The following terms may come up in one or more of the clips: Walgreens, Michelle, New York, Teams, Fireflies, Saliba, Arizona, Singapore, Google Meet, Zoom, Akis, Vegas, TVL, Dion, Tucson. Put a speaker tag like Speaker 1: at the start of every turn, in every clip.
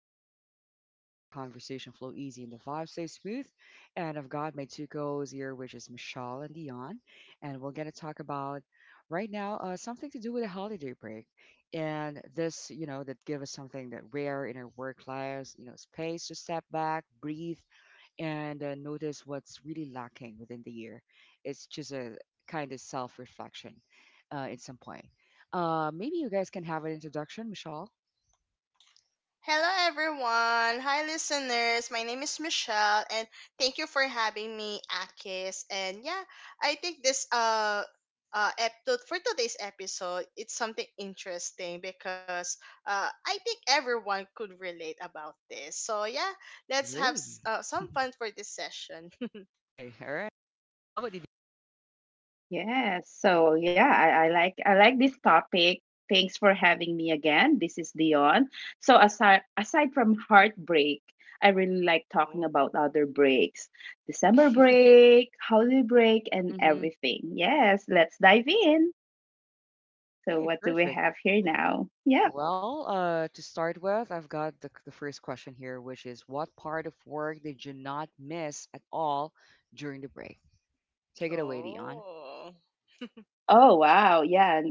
Speaker 1: just stepped into a chill zone where conversation flow easy and the vibe stays smooth. And I've got my two co-hosts here, which is Michelle and Dion, and we're gonna talk about right now something to do with a holiday break. And this that give us something that rare in our work lives, you know, space to step back, breathe, and notice what's really lacking within the year. It's just a kind of self-reflection in some point. Maybe you guys can have an introduction, Michelle.
Speaker 2: Hello, everyone. Hi, listeners. My name is Michelle, and thank you for having me, Akis. And yeah, I think this episode for today's episode, it's something interesting because I think everyone could relate about this. So yeah,
Speaker 1: I
Speaker 2: let's have
Speaker 1: agree.
Speaker 2: some fun for this session.
Speaker 1: Okay, all right. How about you?
Speaker 3: Yes. So yeah, I like this topic. Thanks for having me again. This is Dion. So aside from heartbreak, I really like talking about other breaks. December break, holiday break, and
Speaker 1: Mm-hmm.
Speaker 3: everything. Yes, let's dive in. So
Speaker 1: Okay,
Speaker 3: what do we
Speaker 1: perfect.
Speaker 3: have here now? Yep.
Speaker 1: Well, to start with, I've got the first question here, which is what part of work did you not miss at all during the break? Take it away, Dion.
Speaker 2: Oh. Oh.
Speaker 3: Oh wow. Yeah.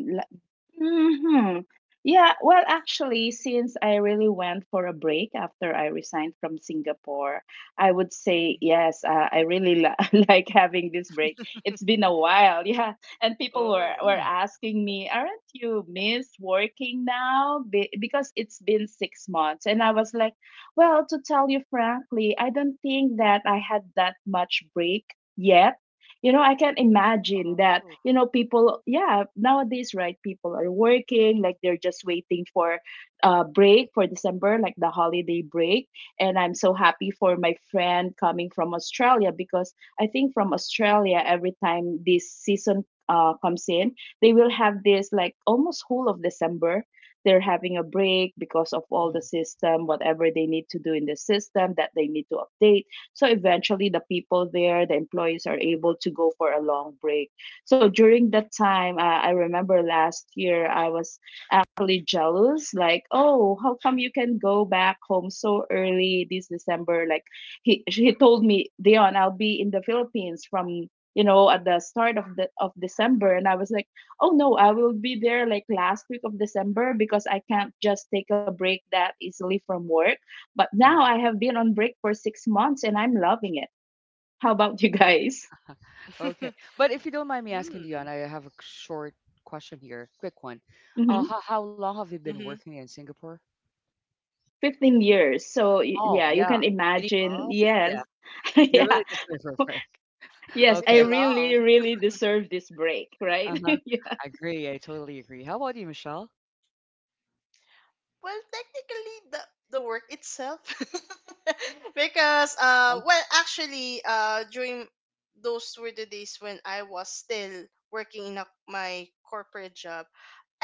Speaker 3: hmm Yeah, since I really went for a break after I resigned from Singapore, I would say yes, I really li- like having this break. It's been
Speaker 2: Mhm.
Speaker 3: a while, yeah. And people were,
Speaker 2: Oh,
Speaker 3: were
Speaker 1: Yeah.
Speaker 3: asking me, aren't you miss working now? Because it's been six months. And I was like, well, to tell you frankly, I don't think that I had that much break yet. You know, I can imagine that,
Speaker 2: oh.
Speaker 3: you know, people, yeah, nowadays, right, people are working like they're just waiting for a break for December, like the holiday break. And I'm so happy for my friend coming from Australia because I think from Australia every time this season comes in, they will have this like almost whole of December. They're having a break because of all the
Speaker 1: Mm-hmm.
Speaker 3: system, whatever they need to do in the system that they need to update. So eventually, the people there, the employees, are able to go for a long break. So during that time, I remember last year I was actually jealous, like, oh, how come you can go back home so early this December? Like, he told me, Dion, I'll be in the Philippines from, you know, at the start of the of December, and I was like, oh no, I will be there like last week of December because I can't just take a break that easily from work. But
Speaker 1: Hmm.
Speaker 3: now I have been on break for six months and I'm loving it. How about you guys?
Speaker 1: Okay.
Speaker 2: Hmm.
Speaker 1: But if you don't mind me asking, Dion, I
Speaker 2: Mm.
Speaker 1: have a short question here, quick one. Uh,
Speaker 3: Hmm
Speaker 1: how, how long have you been
Speaker 2: Mm-hmm.
Speaker 1: working in Singapore?
Speaker 3: 15 years. So, y-
Speaker 1: Oh,
Speaker 3: yeah, you
Speaker 1: yeah.
Speaker 3: can
Speaker 1: You need to-
Speaker 3: imagine.
Speaker 2: Well,
Speaker 1: yeah.
Speaker 3: Yes.
Speaker 1: You're
Speaker 3: yeah.
Speaker 1: really just there for a break.
Speaker 3: Yes, I
Speaker 1: Okay.
Speaker 2: pretty
Speaker 3: really,
Speaker 2: long.
Speaker 3: really deserve this break, right?
Speaker 1: Uh-huh.
Speaker 3: yeah.
Speaker 1: I totally agree. How about you, Michelle?
Speaker 2: Well, technically, the work itself, because
Speaker 1: Uh-huh.
Speaker 2: well, actually, during those were the days when I was still working in my corporate job.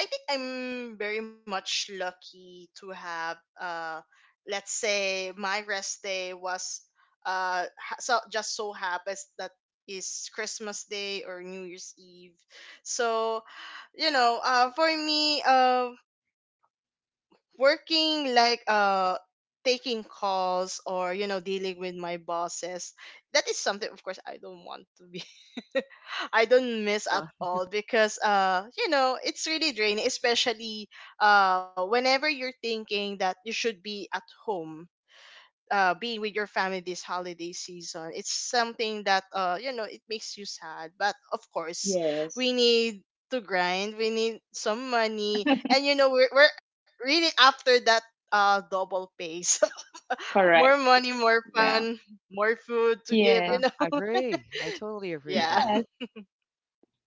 Speaker 2: I think I'm very much lucky to have, let's say, my rest day was, so just so happens that is Christmas Day or New Year's Eve. So, for me, working like taking calls or dealing with my bosses, that is something of course I don't want to be. I don't miss at
Speaker 1: Uh-huh.
Speaker 2: all because you know it's really draining, especially whenever you're thinking that you should be at home, being with your family this holiday season. It's something that, it makes you sad, but of course
Speaker 3: Yes.
Speaker 2: we need to grind. We need some money, and you know we're really after that double pay. So more
Speaker 3: Correct.
Speaker 2: money, more
Speaker 3: Yeah.
Speaker 2: fun, more food to give.
Speaker 1: Uh-huh.
Speaker 3: Yes.
Speaker 2: You know.
Speaker 1: I totally agree with
Speaker 2: Yeah.
Speaker 1: that.
Speaker 3: Yes.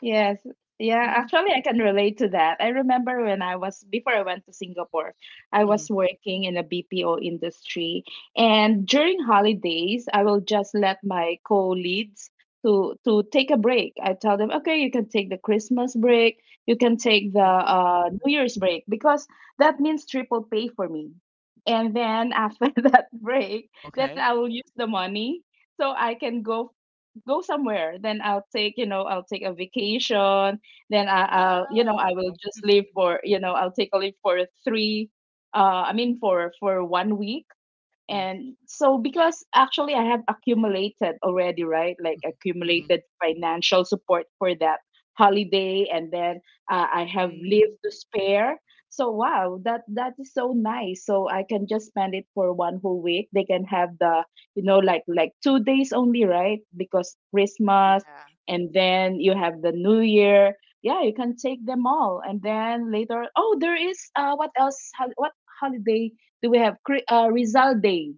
Speaker 3: Yes. Yeah,
Speaker 1: Mm-hmm.
Speaker 3: actually, I can relate to that. I remember when I was, before I went to Singapore, I
Speaker 1: Mm-hmm.
Speaker 3: was working in a BPO industry. And during holidays, I will just let my co-leads to take a break. I tell them, okay, you can take the Christmas break, you can take the
Speaker 2: Mhm.
Speaker 3: New Year's break, because that means triple pay for me. And then after that break,
Speaker 1: Oh,
Speaker 3: then
Speaker 1: okay.
Speaker 3: I will use the money so I can go go somewhere, then I'll take a vacation. Then I, I'll you know I
Speaker 2: Wow.
Speaker 3: will just leave for you know I'll take a leave for three I mean for one week.
Speaker 1: Mm-hmm.
Speaker 3: And so, because actually I have accumulated already, right? Like
Speaker 1: Mm-hmm.
Speaker 3: accumulated financial support for that holiday, and then I have leave
Speaker 2: Hmm.
Speaker 3: to spare. So wow, that is so nice. So I can just spend it for one whole week. They can have the, you know, like two days only, right? Because Christmas,
Speaker 2: Yeah.
Speaker 3: and then you have the New Year. Yeah, you can take them all, and then later. Oh, there is what else? What holiday do we have, result day?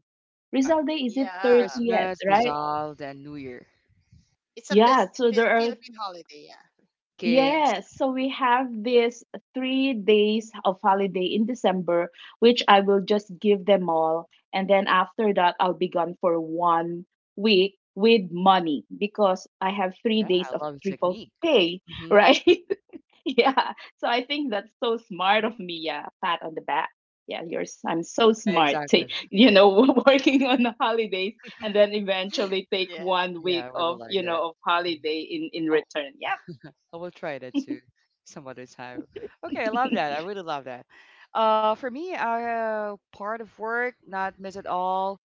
Speaker 1: Yeah.
Speaker 3: Result day, is it
Speaker 2: Yeah.
Speaker 3: 30th,
Speaker 1: Christmas,
Speaker 3: right?
Speaker 1: resolved, and New Year.
Speaker 2: It's a
Speaker 3: Yeah, so there are...
Speaker 2: Philippine holiday. Yeah.
Speaker 1: Three Kings.
Speaker 3: yes, so we have this three days of holiday in December, which I will just give them all, and then after that I'll be gone for one week with money because I have three
Speaker 1: Yeah,
Speaker 3: days of
Speaker 1: I love the
Speaker 3: triple
Speaker 1: technique.
Speaker 3: pay,
Speaker 1: Mm-hmm.
Speaker 3: right? Yeah. So I think that's so smart of me. Yeah. Pat on the back. Yeah, I'm so
Speaker 1: Yeah,
Speaker 3: smart, to,
Speaker 1: exactly.
Speaker 3: you know, working on the holidays and then eventually take
Speaker 2: Yeah.
Speaker 3: one
Speaker 1: Yeah, I
Speaker 3: week
Speaker 1: really
Speaker 3: of,
Speaker 1: like
Speaker 3: you
Speaker 1: that.
Speaker 3: know, of
Speaker 1: Mhm.
Speaker 3: holiday in
Speaker 1: Oh,
Speaker 3: return. Yeah.
Speaker 1: I will try that too some other time. Okay, I love that. I really love that. For me, part of work, not miss at all.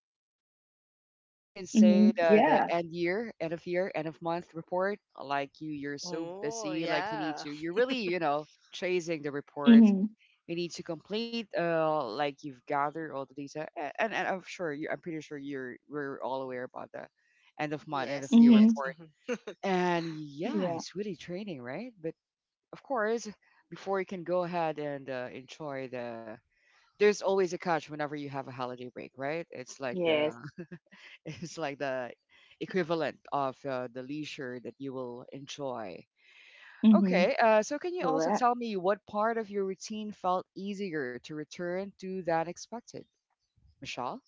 Speaker 1: I can
Speaker 3: hmm
Speaker 1: say the
Speaker 3: Yeah.
Speaker 1: end year, end of month report. Like you're so
Speaker 2: Oh,
Speaker 1: busy. Like you need
Speaker 2: yeah.
Speaker 1: to. You're really, you know, chasing the reports.
Speaker 3: hmm
Speaker 1: You need to complete. Like you've gathered all the data, and I'm sure you. I'm pretty sure you're we're all aware about the end of month, end of
Speaker 2: Yes,
Speaker 1: year
Speaker 3: hmm
Speaker 2: yes.
Speaker 1: report.
Speaker 2: Mhm.
Speaker 1: And yeah,
Speaker 3: Yeah.
Speaker 1: it's really training, right? But of course, before you can go ahead and enjoy there's always a catch whenever you have a holiday break, right? It's like the
Speaker 3: Yes.
Speaker 1: It's like the equivalent of the leisure that you will enjoy.
Speaker 3: hmm
Speaker 1: Okay, so can you also
Speaker 3: Correct.
Speaker 1: tell me what part of your routine felt easier to return to than expected, Michelle?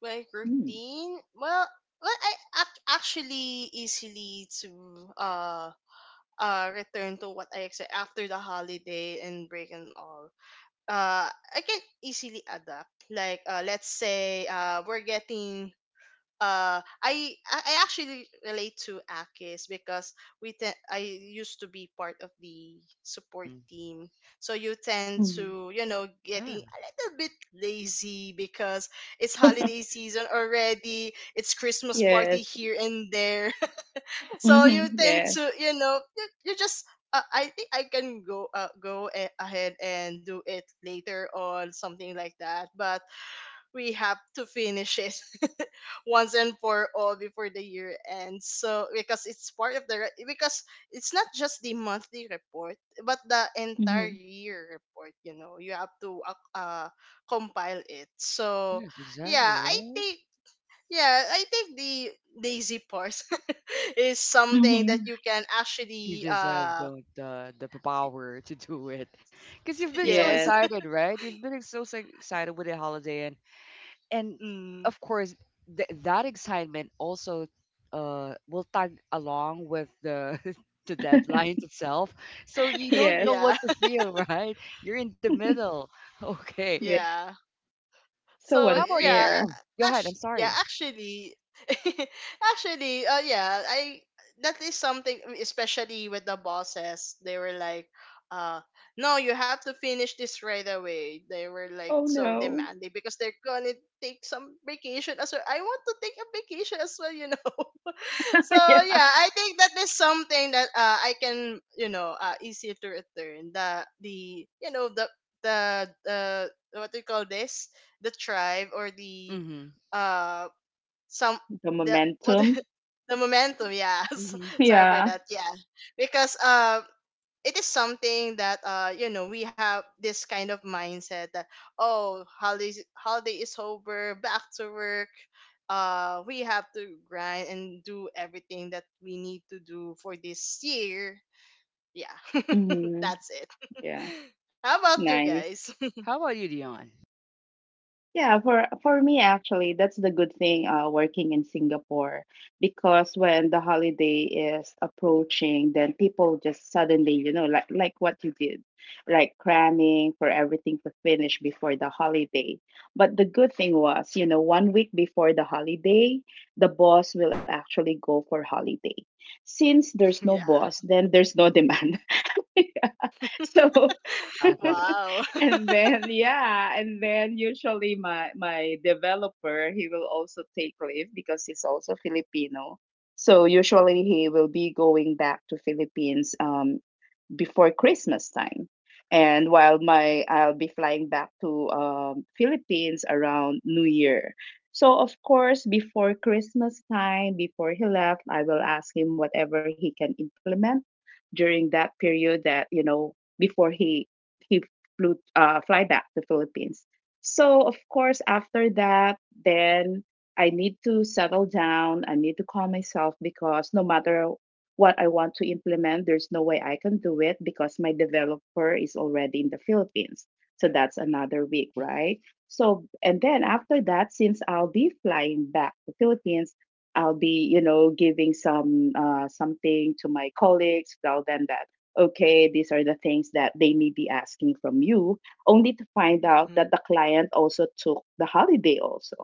Speaker 2: My routine? Well, I actually easily to uh return to what I expect after the holiday and break and all. I can easily adapt. Like, let's say, we're getting, I actually relate to Akis because I used to be part of the support
Speaker 1: Hmm.
Speaker 2: team. So you tend
Speaker 3: Mm-hmm.
Speaker 2: to, getting
Speaker 1: Yeah,
Speaker 2: a little bit lazy because it's holiday season already. It's Christmas party
Speaker 3: Yes.
Speaker 2: here and there. So
Speaker 3: Mm-hmm.
Speaker 2: you tend
Speaker 3: Yes.
Speaker 2: to, you know, you just I think I can go ahead and do it later on, something like that. But we have to finish it once and for all before the year ends. So, because it's not just the monthly report but the entire
Speaker 3: Mm-hmm.
Speaker 2: year report. You know, you have to compile it. So
Speaker 1: yes,
Speaker 2: yeah,
Speaker 1: exactly,
Speaker 2: I
Speaker 1: right?
Speaker 2: think yeah, I think the lazy part is something that
Speaker 3: Mm-hmm.
Speaker 2: you can
Speaker 1: You
Speaker 2: actually
Speaker 1: just have
Speaker 2: uh
Speaker 1: the power to do it because you've been so
Speaker 2: Yes.
Speaker 3: Yes.
Speaker 1: excited, right? You've been so, so excited with the holiday, and
Speaker 2: Mm,
Speaker 1: of course that excitement also will tag along with the the deadlines itself, so you don't know
Speaker 3: Yes.
Speaker 1: what
Speaker 2: yeah.
Speaker 1: to feel right, you're in the middle okay,
Speaker 3: Yes.
Speaker 2: Yeah.
Speaker 1: all
Speaker 3: So
Speaker 1: right,
Speaker 2: So
Speaker 1: how about you
Speaker 2: yeah,
Speaker 3: unfair.
Speaker 1: Oh, go ahead, I'm
Speaker 2: actually, yeah
Speaker 1: sorry.
Speaker 2: actually actually, yeah I that is something, especially with the bosses. They were like, uh no, you have to finish this right away. They were like
Speaker 3: Oh
Speaker 2: so
Speaker 3: no.
Speaker 2: demanding because they're gonna take some vacation as well. I want to take a vacation as well, so
Speaker 3: yeah.
Speaker 2: yeah, I think that is something that, I can, easier to return, the uh, what do you call this, the tribe or the,
Speaker 1: Mm-hmm.
Speaker 2: uh some,
Speaker 3: The
Speaker 2: the what?
Speaker 3: momentum.
Speaker 2: The momentum, yeah.
Speaker 1: Mm-hmm.
Speaker 2: Sorry for
Speaker 3: Yeah.
Speaker 2: that. Yeah. Because it is something that you know we have this kind of mindset that, oh, holiday is over, back to work. Uh, we have to grind and do everything that we need to do for this year. Yeah.
Speaker 3: hmm
Speaker 2: That's it.
Speaker 3: Yeah.
Speaker 2: How about you
Speaker 3: Nice.
Speaker 2: guys?
Speaker 1: How about you, Dion?
Speaker 3: Yeah, for me actually, that's the good thing working in Singapore because when the holiday is approaching, then people just suddenly, you know, like what you did, like cramming for everything to finish before the holiday. But the good thing was, you know, one week before the holiday, the boss will actually go for holiday. Since there's no
Speaker 2: Yeah.
Speaker 3: boss, then there's no demand. So
Speaker 1: Exactly.
Speaker 2: Wow.
Speaker 3: and then yeah, and then usually my developer, he will also take leave because he's also Filipino. So usually he will be going back to Philippines before Christmas time. And while my... I'll be flying back to Philippines around New Year. So of course, before Christmas time, before he left, I will ask him whatever he can implement during that period, that, you know, before he flew fly back to Philippines. So of course, after that, then I need to settle down. I need to calm myself because no matter what I want to implement, there's no way I can do it because my developer is already in the Philippines. So that's another week,
Speaker 1: Hmm.
Speaker 3: right? So and then after that, since I'll be flying back to Philippines, I'll be, you know, giving some something to my colleagues, tell them that okay, these are the things that they may be asking from you, only to find out that
Speaker 2: Mhm.
Speaker 3: the client also took the holiday also.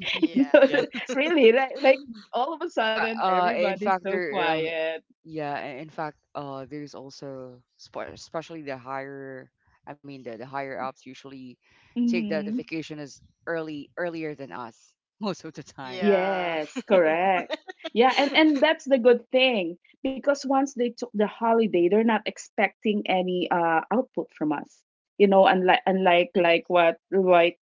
Speaker 2: Yeah.
Speaker 3: So
Speaker 1: Yeah.
Speaker 3: really like all of a
Speaker 1: fa-
Speaker 3: sudden
Speaker 1: in
Speaker 3: everybody's
Speaker 1: fact
Speaker 3: so
Speaker 1: there
Speaker 3: quiet.
Speaker 1: Yeah, in fact, there's also especially the higher, I mean, the higher ups usually take the
Speaker 3: Hmm
Speaker 1: vacation as early earlier than us most of the time.
Speaker 2: Yeah.
Speaker 3: Yes, correct. Yeah, and that's the good thing because once they took the holiday, they're not expecting any output from us. You know, unlike unlike
Speaker 1: Mhm.
Speaker 3: like what, right,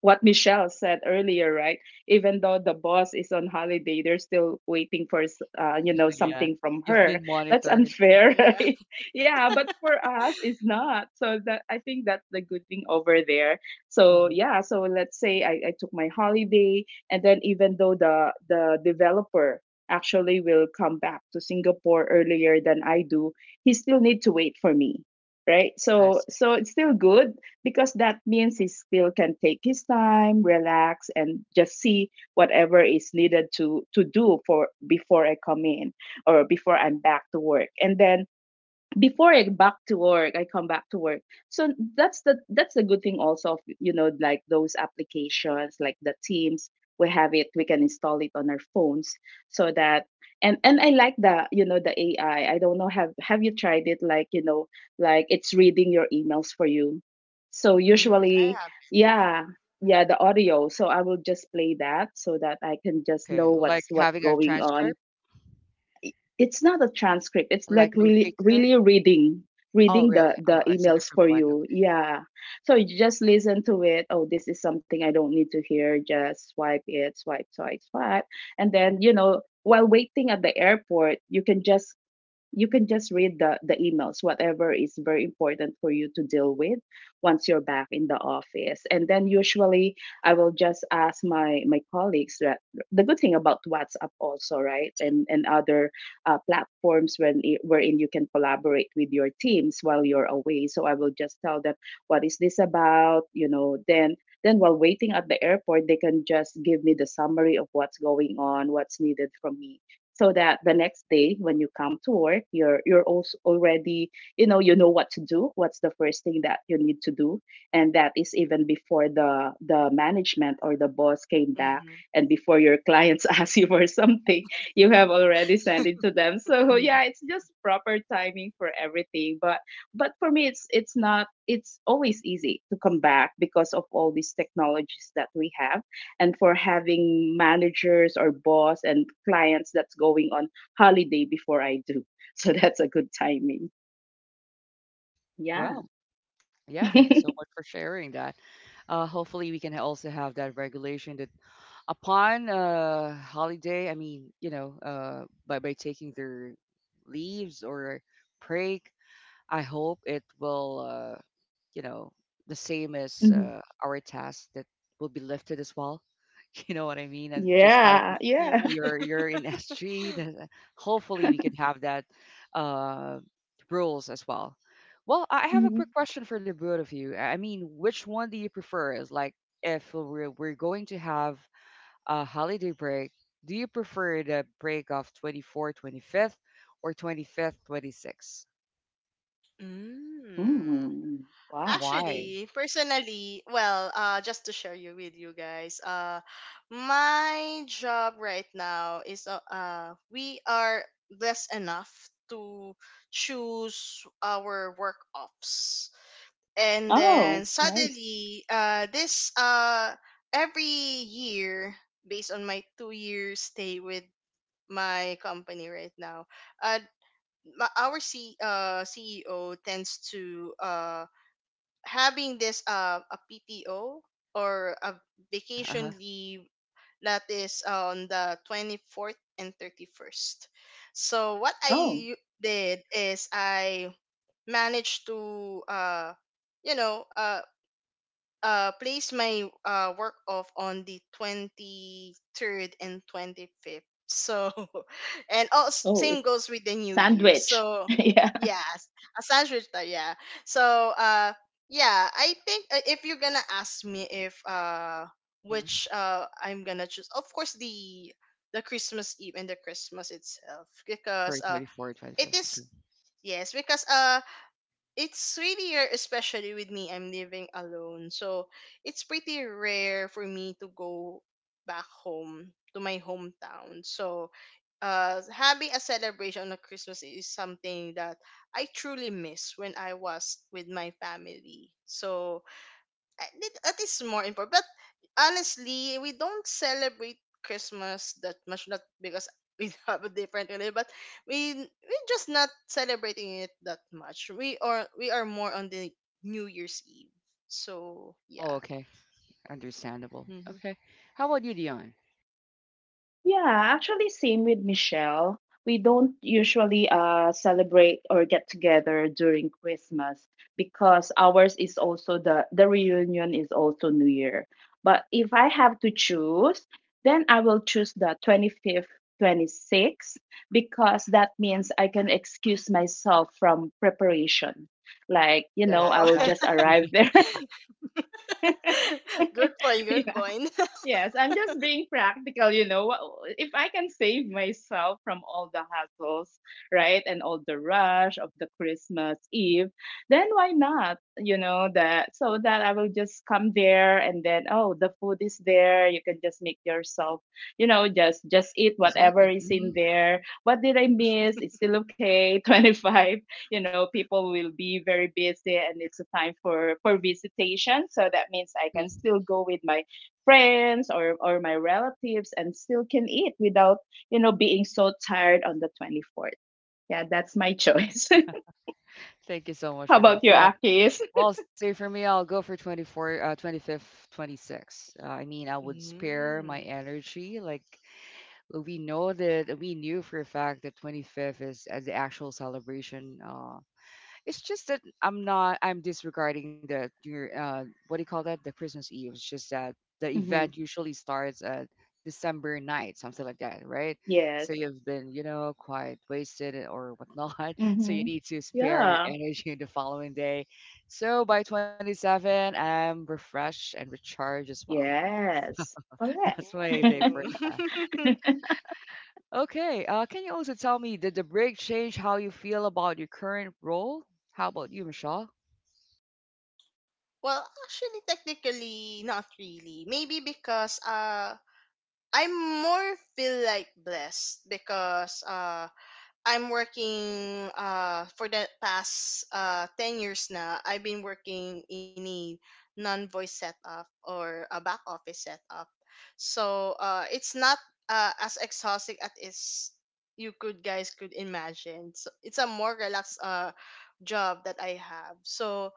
Speaker 3: what Michelle said earlier, right? Even though the boss is on holiday, they're still waiting for you know,
Speaker 1: Yeah,
Speaker 3: something from
Speaker 1: you've
Speaker 3: her.
Speaker 1: been
Speaker 3: That's
Speaker 1: monitored.
Speaker 3: unfair,
Speaker 2: Yeah.
Speaker 3: right? Yeah, but for us, it's not. So that, I think that's the good thing over there. So
Speaker 1: Hmm.
Speaker 3: yeah, so let's say I took my holiday and then even though the developer actually will come back to Singapore earlier than I do, he still need to wait for me, right?
Speaker 1: I
Speaker 3: So
Speaker 1: see.
Speaker 3: so it's still good because that means he still can take his time, relax, and just see whatever is needed to do for before I come in or before I'm back to work. And then before I back to work, I come back to work. So that's the good thing also of, you know, like those applications like the Teams. We have it. We can install it on our phones, so that. And I like the, you know, the AI. I don't know, have you tried it, like, you know, like it's reading your emails for you. So
Speaker 2: Mm, I
Speaker 3: usually
Speaker 2: have.
Speaker 3: yeah, yeah, the audio. So I will just play that so that I can just
Speaker 1: Okay,
Speaker 3: know
Speaker 1: like
Speaker 3: what's
Speaker 1: having a
Speaker 3: going on.
Speaker 1: transcript,
Speaker 3: It- it's not a transcript, it's
Speaker 1: like
Speaker 3: like
Speaker 1: note
Speaker 3: really
Speaker 1: taker.
Speaker 3: really reading,
Speaker 1: Oh,
Speaker 3: reading
Speaker 1: really?
Speaker 3: the
Speaker 1: Oh, it's a
Speaker 3: emails
Speaker 1: different
Speaker 3: for
Speaker 1: one.
Speaker 3: you, yeah. So you just listen to it, oh, this is something I don't need to hear, just swipe it, swipe swipe swipe. And then, you know, while waiting at the airport, you can just... you can just read the emails, whatever is very important for you to deal with once you're back in the office. And then usually I will just ask my colleagues that, the good thing about WhatsApp also, right, and other platforms wherein you can collaborate with your teams while you're away. So I will just tell them what is this about, you know. Then, while waiting at the airport, they can just give me the summary of what's going on, what's needed from me, so that the next day when you come to work, you're also already, you know, you know what to do, what's the first thing that you need to do. And that is even before the management or the boss came back,
Speaker 2: Hmm.
Speaker 3: and before your clients ask you for something, you have already sent it to them. So
Speaker 1: Hmm.
Speaker 3: yeah, it's just proper timing for everything. But for me, it's not, it's always easy to come back because of all these technologies that we have and for having managers or boss and clients that's going on holiday before I do. So that's a good timing. Yeah.
Speaker 1: Well, yeah, thank you so much for sharing that. Hopefully, we can also have that regulation that upon holiday, I mean, you know, by taking their leaves or break, I hope it will uh you know, the same as
Speaker 3: Mhm.
Speaker 1: our task, that will be lifted as well, you know what I mean, and just like
Speaker 3: Yeah, yeah.
Speaker 2: Yeah.
Speaker 1: you're in s3, then hopefully we could have that uh rules as well. I have a
Speaker 3: Mhm.
Speaker 1: quick question for the both of you. I mean, which one do you prefer? Is like, if we're going to have a holiday break, do you prefer the break of 24, 25th or 25th, 26th?
Speaker 2: Mm.
Speaker 3: Mm,
Speaker 1: And
Speaker 3: wow.
Speaker 1: why?
Speaker 2: Actually, personally, well, just to share you with you guys, my job right now is we are blessed enough to choose our work ops,
Speaker 1: Mhm.
Speaker 2: and then
Speaker 3: Oh, nice.
Speaker 2: suddenly, this every year, based on my 2-year stay with my company right now, uh, our C CEO tends to having this, a PTO or a
Speaker 1: Yeah,
Speaker 2: vacation
Speaker 1: uh-huh.
Speaker 2: leave that is on the 24th and 31st. So what I
Speaker 3: Oh,
Speaker 2: u- did is I managed to, you know uh place my work off on the 23rd and 25th. So and also
Speaker 3: oh,
Speaker 2: same
Speaker 3: it's
Speaker 2: goes with the new year.
Speaker 3: sandwich.
Speaker 2: So
Speaker 3: Yeah.
Speaker 2: yes, a sandwich time, yeah. So, yeah, I think, if you're gonna ask me if,
Speaker 1: Hmm.
Speaker 2: which, I'm gonna choose, of course, the Christmas Eve and the Christmas itself,
Speaker 1: Prefer
Speaker 2: because
Speaker 1: 24 or
Speaker 2: it is,
Speaker 1: okay.
Speaker 2: yes, because it's really rare, especially with me. I'm living alone, so it's pretty rare for me to go back home to my hometown. So, having a celebration on a Christmas is something that I truly miss when I was with my family. So I think that is more important. But honestly, we don't celebrate Christmas that much, not because we have a different religion, but we're just not celebrating it that much. We are more on the New Year's Eve. So
Speaker 1: Oh,
Speaker 2: yeah.
Speaker 1: okay. Understandable.
Speaker 2: Hmm.
Speaker 1: Okay. How about you, Dion?
Speaker 3: Yeah, actually, same with Michelle. We don't usually celebrate or get together during Christmas because ours is also the reunion is also New Year. But if I have to choose, then I will choose the 25th, 26th because that means I can excuse myself from preparation. Like, you know,
Speaker 1: Yeah,
Speaker 3: I
Speaker 2: Oh,
Speaker 3: will just
Speaker 1: exactly.
Speaker 3: arrive there.
Speaker 2: good point. Good point.
Speaker 3: Yes, I'm just being practical, you know. If I can save myself from all the hassles, right, and all the rush of the Christmas Eve, then why not? You know that, so that I will just come there and then, oh, the food is there. You can just make yourself, just eat
Speaker 1: Yeah,
Speaker 3: whatever
Speaker 1: exactly.
Speaker 3: is in
Speaker 1: Mm-hmm.
Speaker 3: there. What did I miss? It's still okay. 25, you know, people will be very busy, and it's a time for visitation, so that means I can
Speaker 1: Mm-hmm.
Speaker 3: still go with my friends or my relatives and still can eat without being so tired on the 24th. Yeah, that's my choice.
Speaker 1: Thank you so
Speaker 3: How
Speaker 1: much for
Speaker 3: about you,
Speaker 1: that. Yeah.
Speaker 3: Akis?
Speaker 1: Well, say for me, I'll go for 24, 25th, 26. I mean, I would spare my
Speaker 2: Mm.
Speaker 1: energy. Like, well, we know that we knew for a fact that 25th is the actual celebration. It's just that I'm not. I'm disregarding the your what do you call that? The Christmas Eve. It's just that the event
Speaker 3: Mm-hmm.
Speaker 1: usually starts at December night, something like that, right? So
Speaker 3: Yes.
Speaker 1: you've been, you know, quite wasted or whatnot. So you
Speaker 3: Mm-hmm.
Speaker 1: need to spare your
Speaker 3: Yeah.
Speaker 1: energy the following day. So by 27, I'm refreshed and recharged as well.
Speaker 3: Yes,
Speaker 1: That's
Speaker 3: correct.
Speaker 1: my day for
Speaker 2: Ooh.
Speaker 1: that. Okay. Can you also tell me, did the break change how you feel about your current role? How about you, Michelle?
Speaker 2: Well, actually, technically, not really. Maybe because, I am more feel like blessed because I'm working for the past 10 years now. I've been working in a non-voice setup or a back office setup. So it's not as exhausting as is you could guys could imagine. So it's a more relaxed job that I have. So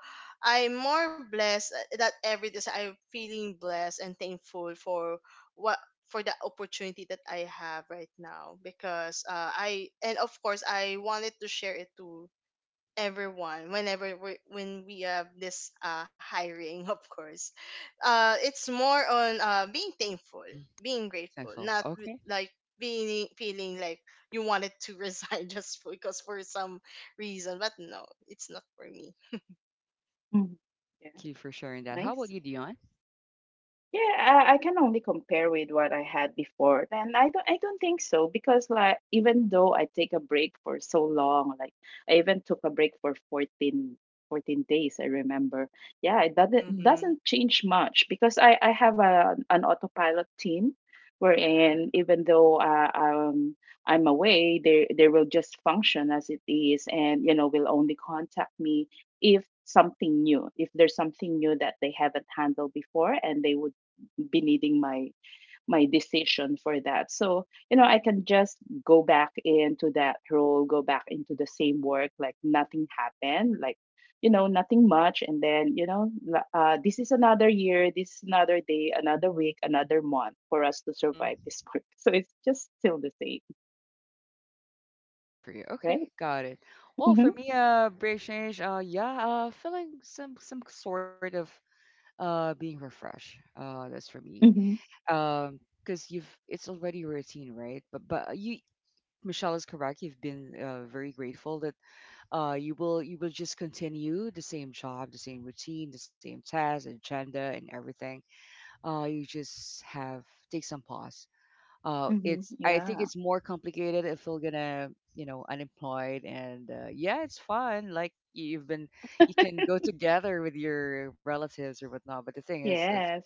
Speaker 2: I'm more blessed, that every day I'm feeling blessed and thankful what for the opportunity that I have right now because, I and of course I wanted to share it to everyone whenever we when we have this, hiring. Of course, it's more on, being thankful,
Speaker 1: Mm-hmm.
Speaker 2: being grateful,
Speaker 1: Thankful.
Speaker 2: not with-
Speaker 1: Okay.
Speaker 2: like being feeling like you wanted to resign just because for some reason. But no, it's not for me.
Speaker 3: Mm.
Speaker 1: Hey,
Speaker 3: Yeah.
Speaker 1: thank you for sharing that. How about
Speaker 3: Nice.
Speaker 1: you, Dion?
Speaker 3: Yeah, I can only compare with what I had before. And I don't think so, because like even though I take a break for so long, like I even took a break for fourteen days, I remember. Yeah, it doesn't
Speaker 2: Mm-hmm.
Speaker 3: doesn't change much because I have an autopilot team wherein even though I'm away, they will just function as it is, and, you know, will only contact me if there's something new that they haven't handled before, and they would be needing my decision for that. So, I can just go back into that role, go back into the same work, like nothing happened, like, nothing much. And then, this is another year, this is another day, another week, another month for us to
Speaker 1: Mm-hmm.
Speaker 3: survive this work, so it's just still the same.
Speaker 1: Okay, for you. Okay,
Speaker 3: Right.
Speaker 1: got it. Well, for
Speaker 3: Mm-hmm.
Speaker 1: me, break change. Yeah. Feeling some sort of being refreshed. That's for me.
Speaker 3: Mm-hmm.
Speaker 1: Because you've it's already a routine, right? But Michelle is correct. You've been very grateful that you will just continue the same job, the same routine, the same task, agenda, and everything. You just have take some pause.
Speaker 3: Mm-hmm.
Speaker 1: It's, I think
Speaker 3: Yeah.
Speaker 1: it's more complicated if you're gonna, you know, unemployed, and yeah, it's fun. Like you've been you can go together with your relatives or whatnot. But the thing is
Speaker 3: Yes.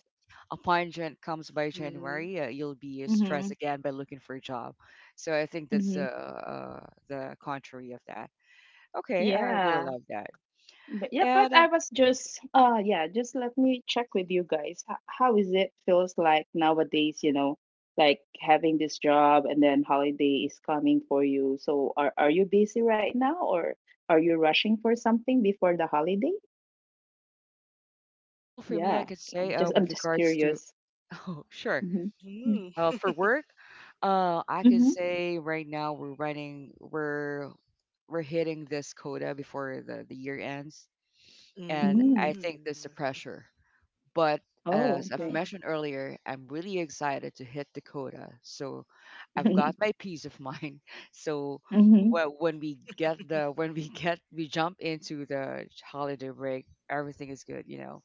Speaker 1: upon comes by
Speaker 2: Mm-hmm.
Speaker 1: January, you'll be
Speaker 3: Mm-hmm.
Speaker 1: stressed again by looking for a job. So I think that's
Speaker 3: Mm-hmm.
Speaker 1: the contrary of that. Okay, I really
Speaker 3: Yeah.
Speaker 1: love that.
Speaker 3: But yeah, but
Speaker 1: And,
Speaker 3: I was just, yeah, just let me check with you guys. How is it feels like nowadays, like having this job, and then holiday is coming for you. So are you busy right now, or are you rushing for something before the holiday?
Speaker 1: well, for me, I
Speaker 3: Yeah.
Speaker 1: could say,
Speaker 3: Just
Speaker 1: with
Speaker 3: I'm just
Speaker 1: regards to,
Speaker 3: curious.
Speaker 1: oh, sure.
Speaker 3: Mm-hmm.
Speaker 1: Uh,
Speaker 2: Mm.
Speaker 1: for work, I can
Speaker 3: Mm-hmm.
Speaker 1: say right now we're running, we're hitting this quota before the year ends, and I
Speaker 3: Mm-hmm.
Speaker 1: think that's the
Speaker 2: Mm.
Speaker 1: pressure. But as
Speaker 3: Oh,
Speaker 1: I've
Speaker 2: Uh-huh.
Speaker 3: okay.
Speaker 1: mentioned earlier, I'm really excited to hit Dakota. So I've got my peace of mind. So
Speaker 3: Mm-hmm.
Speaker 1: wh- when we get the when we get we jump into the holiday break, everything is good, you know.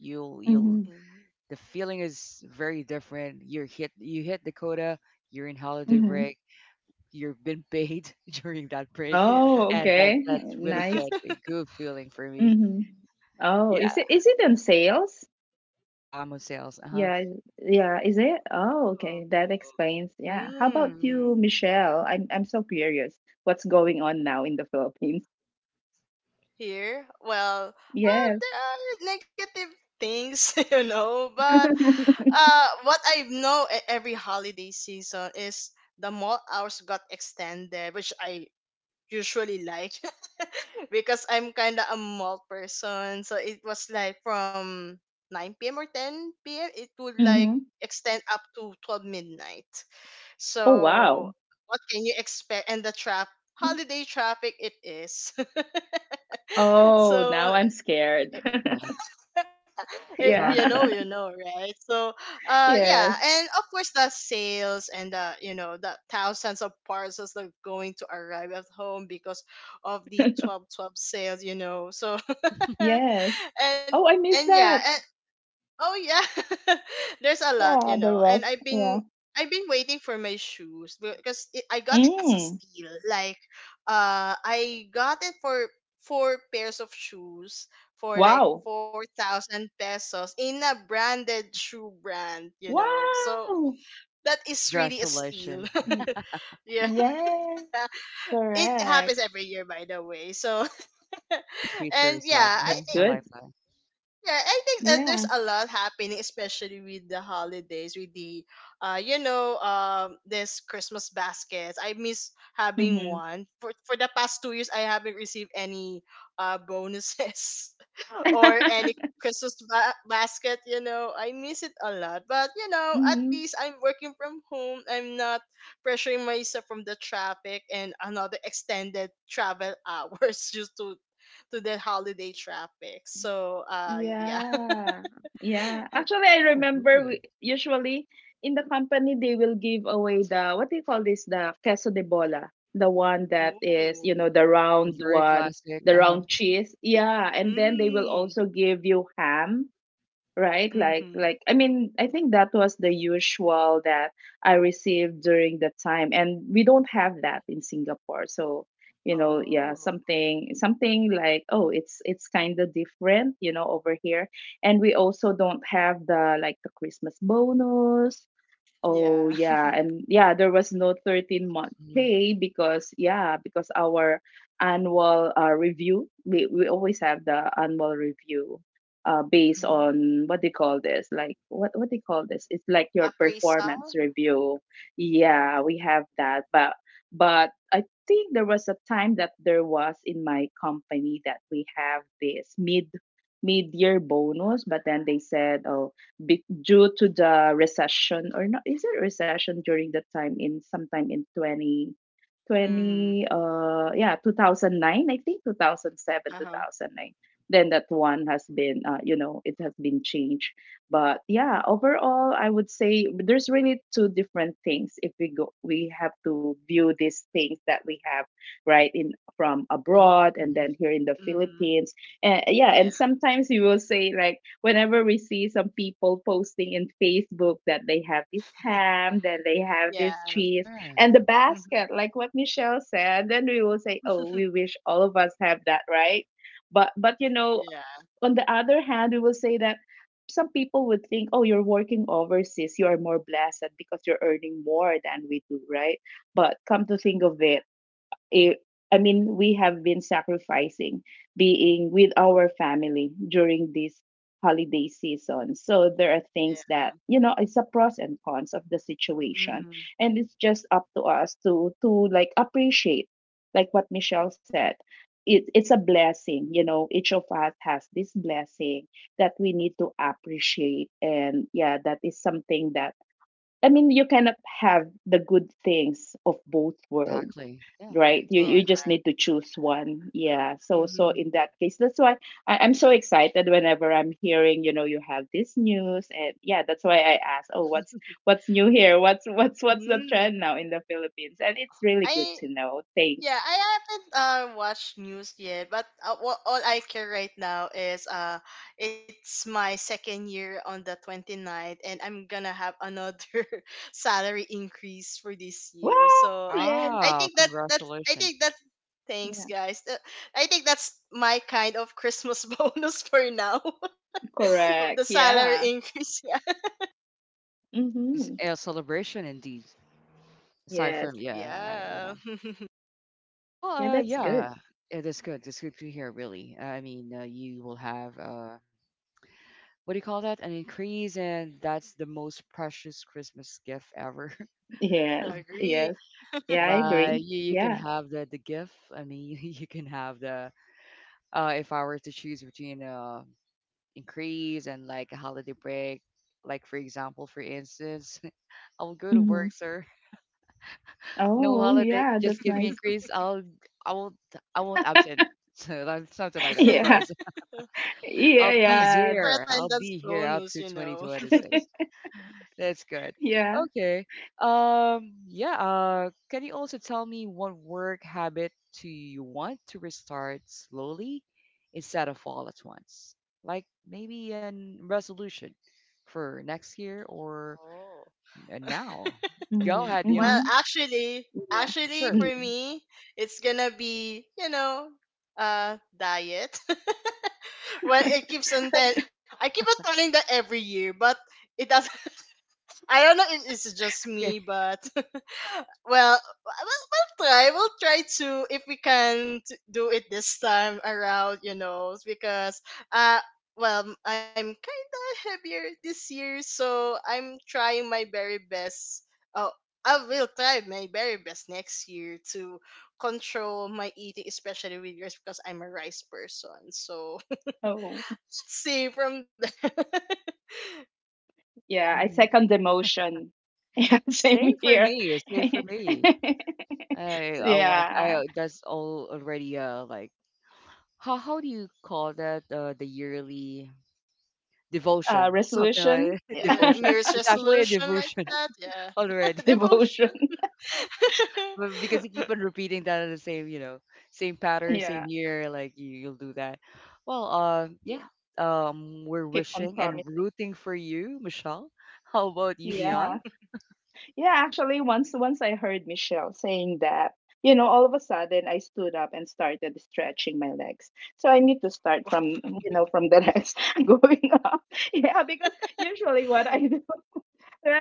Speaker 1: You'll
Speaker 3: Mm-hmm.
Speaker 2: Mm.
Speaker 1: The feeling is very different. You hit Dakota, you're in holiday
Speaker 3: Mm-hmm.
Speaker 1: break, you've been paid during that break,
Speaker 2: Yeah.
Speaker 3: Oh,
Speaker 1: and that
Speaker 3: okay.
Speaker 1: that's really
Speaker 3: Nice.
Speaker 1: good, a good feeling for me.
Speaker 3: Mm-hmm. Oh,
Speaker 1: Yeah,
Speaker 3: is it on sales?
Speaker 1: yeah, I'm on sales. Uh-huh.
Speaker 3: Yeah, is it? Oh,
Speaker 2: Oh.
Speaker 3: okay. That explains. Yeah. How about
Speaker 2: Hmm.
Speaker 3: you, Michelle? I'm so curious. What's going on now in the Philippines?
Speaker 2: Here, well,
Speaker 3: Yes.
Speaker 2: there are negative things, you know, but, what I know, e- every holiday season is the mall hours got extended, which I usually like because I'm kind of a mall person. So it was like from 9 p.m. or 10 p.m. It would like
Speaker 3: Mm-hmm.
Speaker 2: extend up to 12 midnight.
Speaker 3: Oh,
Speaker 2: So
Speaker 3: wow.
Speaker 2: what can you expect? And the trap holiday traffic it is.
Speaker 3: Oh,
Speaker 2: So
Speaker 3: now I'm scared.
Speaker 1: Huh.
Speaker 2: eh,
Speaker 3: Yeah.
Speaker 1: Traffic.
Speaker 2: you know, right? So yeah,
Speaker 3: Yes.
Speaker 2: and of course the sales and, the you know, the thousands of parcels that are going to arrive at home because of the 12.12 sales, you know. So
Speaker 1: Mhm.
Speaker 3: Yes.
Speaker 2: and
Speaker 3: Oh, I
Speaker 2: and
Speaker 3: missed
Speaker 2: yeah.
Speaker 3: that.
Speaker 2: Oh yeah, there's a lot, you
Speaker 3: Yeah,
Speaker 2: know.
Speaker 3: the
Speaker 2: And
Speaker 3: rest. Yeah.
Speaker 2: I've been waiting for my shoes because it, I got it as a
Speaker 3: Mm.
Speaker 2: steal. Like, I got it for four pairs of shoes for like
Speaker 3: Wow.
Speaker 2: 4,000 pesos in a branded shoe brand, you know. So
Speaker 3: Wow.
Speaker 2: that is really a steal.
Speaker 1: Congratulations.
Speaker 3: Y-
Speaker 2: Yeah,
Speaker 3: Yes,
Speaker 2: it
Speaker 3: correct.
Speaker 2: happens every year, by the way. So,
Speaker 1: Like a treat for
Speaker 2: and
Speaker 1: yourself.
Speaker 2: yeah, I
Speaker 1: Uh-huh.
Speaker 3: That's
Speaker 1: I
Speaker 2: think.
Speaker 3: good.
Speaker 1: like that.
Speaker 2: Yeah, I think, there's
Speaker 3: Yeah.
Speaker 2: a lot happening, especially with the holidays, with the, you know, this Christmas baskets. I miss having
Speaker 3: Mm-hmm.
Speaker 2: one. For the past 2 years, I haven't received any, bonuses or any Christmas basket. You know, I miss it a lot. But you know, at
Speaker 3: Mm-hmm.
Speaker 2: least I'm working from home. I'm not pressuring myself from the traffic and another extended travel hours just to the holiday traffic. So yeah.
Speaker 3: Yeah, yeah. Actually,
Speaker 1: Yeah,
Speaker 3: I remember
Speaker 1: really.
Speaker 3: usually in the company they will give away the, what do you call this, the queso de bola, the one that is, you
Speaker 2: Ooh.
Speaker 3: know, the
Speaker 1: The
Speaker 3: round
Speaker 1: very
Speaker 3: one,
Speaker 1: classic.
Speaker 3: the
Speaker 1: Uh-huh.
Speaker 3: round cheese. Yeah, and then they will
Speaker 2: Mm.
Speaker 3: also give you ham, right? like
Speaker 2: Mm-hmm.
Speaker 3: like I mean, I think that was the usual that I received during the time, and we don't have that in Singapore. So, you know, yeah,
Speaker 2: Oh.
Speaker 3: something like, oh, it's kind of different, you know, over here. And we also don't have the like the Christmas bonus. Oh
Speaker 2: Yeah.
Speaker 3: yeah, and yeah, there was no
Speaker 1: Oh.
Speaker 3: 13 month
Speaker 1: Hmm.
Speaker 3: pay, because, yeah, because our annual review, we always have the annual review based
Speaker 2: Mm.
Speaker 3: on what they call this, like, what they call this? It's like your
Speaker 2: Appraisal.
Speaker 3: performance review. Yeah, we have that, but I think there was a time that there was in my company that we have this mid year bonus. But then they said, oh, due to the recession, or not, is it recession during that time, in sometime in 20
Speaker 2: Mm.
Speaker 3: twenty yeah, 2009, I think, 2007,
Speaker 2: Uh-huh.
Speaker 3: 2009. Then that one has been it has been changed. But yeah, overall, I would say there's really two different things. If we go We have to view these things that we have, right, in from
Speaker 1: Hmm.
Speaker 3: abroad and
Speaker 1: Hmm.
Speaker 3: then here in the
Speaker 2: Mm-hmm.
Speaker 3: Philippines. And yeah,
Speaker 2: Yeah.
Speaker 3: and sometimes you will say, like, whenever we see some people posting in Facebook that they have this ham, that they have
Speaker 2: Yeah.
Speaker 3: this cheese,
Speaker 1: Yeah,
Speaker 3: and the
Speaker 2: Mm-hmm.
Speaker 3: basket, like what Michelle said, then we will say, oh, we wish all of us have that, right? But you know,
Speaker 2: Yeah.
Speaker 3: on the other hand, we will say that some people would think, oh, you're working overseas, you are more blessed because you're earning more than we do, right? But come to think of it, it, I mean, we have been sacrificing being with our family during this holiday season. So there are
Speaker 2: Yeah.
Speaker 3: things that, you know, it's a pros and cons of the situation.
Speaker 2: Mm-hmm.
Speaker 3: And it's just up to us to like appreciate, like what Michelle said. It's a blessing, you know, each of us has this blessing that we need to appreciate. And yeah, that is something that, I mean, you cannot have the good things of both worlds.
Speaker 1: exactly. Yeah, I
Speaker 3: Right. you
Speaker 2: Yeah.
Speaker 1: totally
Speaker 3: you just
Speaker 1: agree.
Speaker 3: need to choose one. Yeah, so
Speaker 2: Mm-hmm.
Speaker 3: in that case, that's why I'm so excited whenever I'm hearing, you have this news. And yeah, that's why I ask, oh, what's new here, what's the
Speaker 2: Mm.
Speaker 3: trend now in the Philippines. And it's really good
Speaker 2: I.
Speaker 3: to know.
Speaker 2: Yeah,
Speaker 3: Thanks.
Speaker 2: I haven't, watched news yet, but, uh, all I care right now is, it's my second year on the twenty ninth, and I'm gonna have another salary increase for this
Speaker 3: Wow.
Speaker 2: year. So
Speaker 3: Yeah.
Speaker 2: I
Speaker 1: Wow,
Speaker 2: think that that's, I
Speaker 1: congratulations.
Speaker 2: think that's, thanks
Speaker 3: Yeah,
Speaker 2: guys. I think that's my kind of Christmas bonus for now, the
Speaker 3: correct.
Speaker 2: salary
Speaker 3: Yeah.
Speaker 2: increase. Yeah,
Speaker 1: It's
Speaker 3: Mm-hmm.
Speaker 1: a celebration indeed. Aside
Speaker 3: Yes.
Speaker 1: from,
Speaker 2: yeah,
Speaker 1: yeah. Well,
Speaker 3: Yeah, that's good.
Speaker 1: yeah, it is good. It's good to hear, really. I mean, you will have, what do you call that? An increase, and that's the most precious Christmas gift ever.
Speaker 3: Yes. Yes.
Speaker 2: agree.
Speaker 3: Yeah, I agree.
Speaker 1: Like you can
Speaker 3: Yeah.
Speaker 1: have the gift. I mean, you can have the if I were to choose between increase and like a holiday break, like for example, for instance, I will go to
Speaker 3: Hmm.
Speaker 1: work, sir. No
Speaker 3: Oh
Speaker 1: holiday,
Speaker 3: yeah,
Speaker 1: just
Speaker 3: that's
Speaker 1: give me
Speaker 3: nice.
Speaker 1: increase. I won't I won't absent. So that's something like that, of
Speaker 3: Yeah.
Speaker 1: course.
Speaker 3: Yeah.
Speaker 2: At least for
Speaker 3: Yeah.
Speaker 1: I'll
Speaker 2: attendance
Speaker 1: be here
Speaker 2: bonus,
Speaker 1: up
Speaker 2: you
Speaker 1: to
Speaker 2: know.
Speaker 1: 2026. That's good.
Speaker 3: Yeah.
Speaker 1: Okay. Yeah, can you also tell me what work habit do you want to restart slowly instead of all at once? Like maybe a resolution for next year or
Speaker 2: Oh.
Speaker 1: now. Go
Speaker 3: Mhm.
Speaker 1: ahead, Dion.
Speaker 2: Well,
Speaker 3: Mhm.
Speaker 2: actually,
Speaker 3: Yeah.
Speaker 1: Oh,
Speaker 2: actually
Speaker 1: sure.
Speaker 2: for
Speaker 3: Mm.
Speaker 2: me, it's gonna be, you know, diet. Well, it keeps on tell I keep on telling that every year, but it doesn't. I don't know if it's just
Speaker 1: It's
Speaker 2: me,
Speaker 1: okay.
Speaker 2: but well, we'll, we'll try. We'll try to if we can do it this time around, you know, because, uh well, I I'm kind of heavier this year, so I'm trying my very best. Oh, I will try my very best next year to control my eating, especially with yours, because I'm a rice person. So
Speaker 3: Oh,
Speaker 2: let's see from the
Speaker 3: yeah. I second the
Speaker 1: Hmm.
Speaker 3: motion. Yeah, same
Speaker 1: Same for
Speaker 3: here.
Speaker 1: me. Same for me. I want.
Speaker 3: Yeah.
Speaker 1: I that's all already. Like how do you call that? The yearly devotion, something like
Speaker 3: Resolution. Yeah.
Speaker 2: the
Speaker 1: devotion.
Speaker 2: New Year's
Speaker 1: It's actually a
Speaker 2: resolution like
Speaker 1: devotion
Speaker 2: that. Yeah,
Speaker 1: already.
Speaker 3: Devotion.
Speaker 2: devotion.
Speaker 1: But because you keep on repeating that in the same, you know, same pattern,
Speaker 3: Yeah.
Speaker 1: same year, like you'll do that. Well, yeah.
Speaker 3: Yeah.
Speaker 1: We're
Speaker 3: Keep on
Speaker 1: wishing and
Speaker 3: promise.
Speaker 1: rooting for you, Michelle. How about you, Dion?
Speaker 3: Yeah. Yeah, actually, once I heard Michelle saying that, you know, all of a sudden I stood up and started stretching my legs. So I need to start from, you know, from the legs going up. Yeah, because usually what I do, right,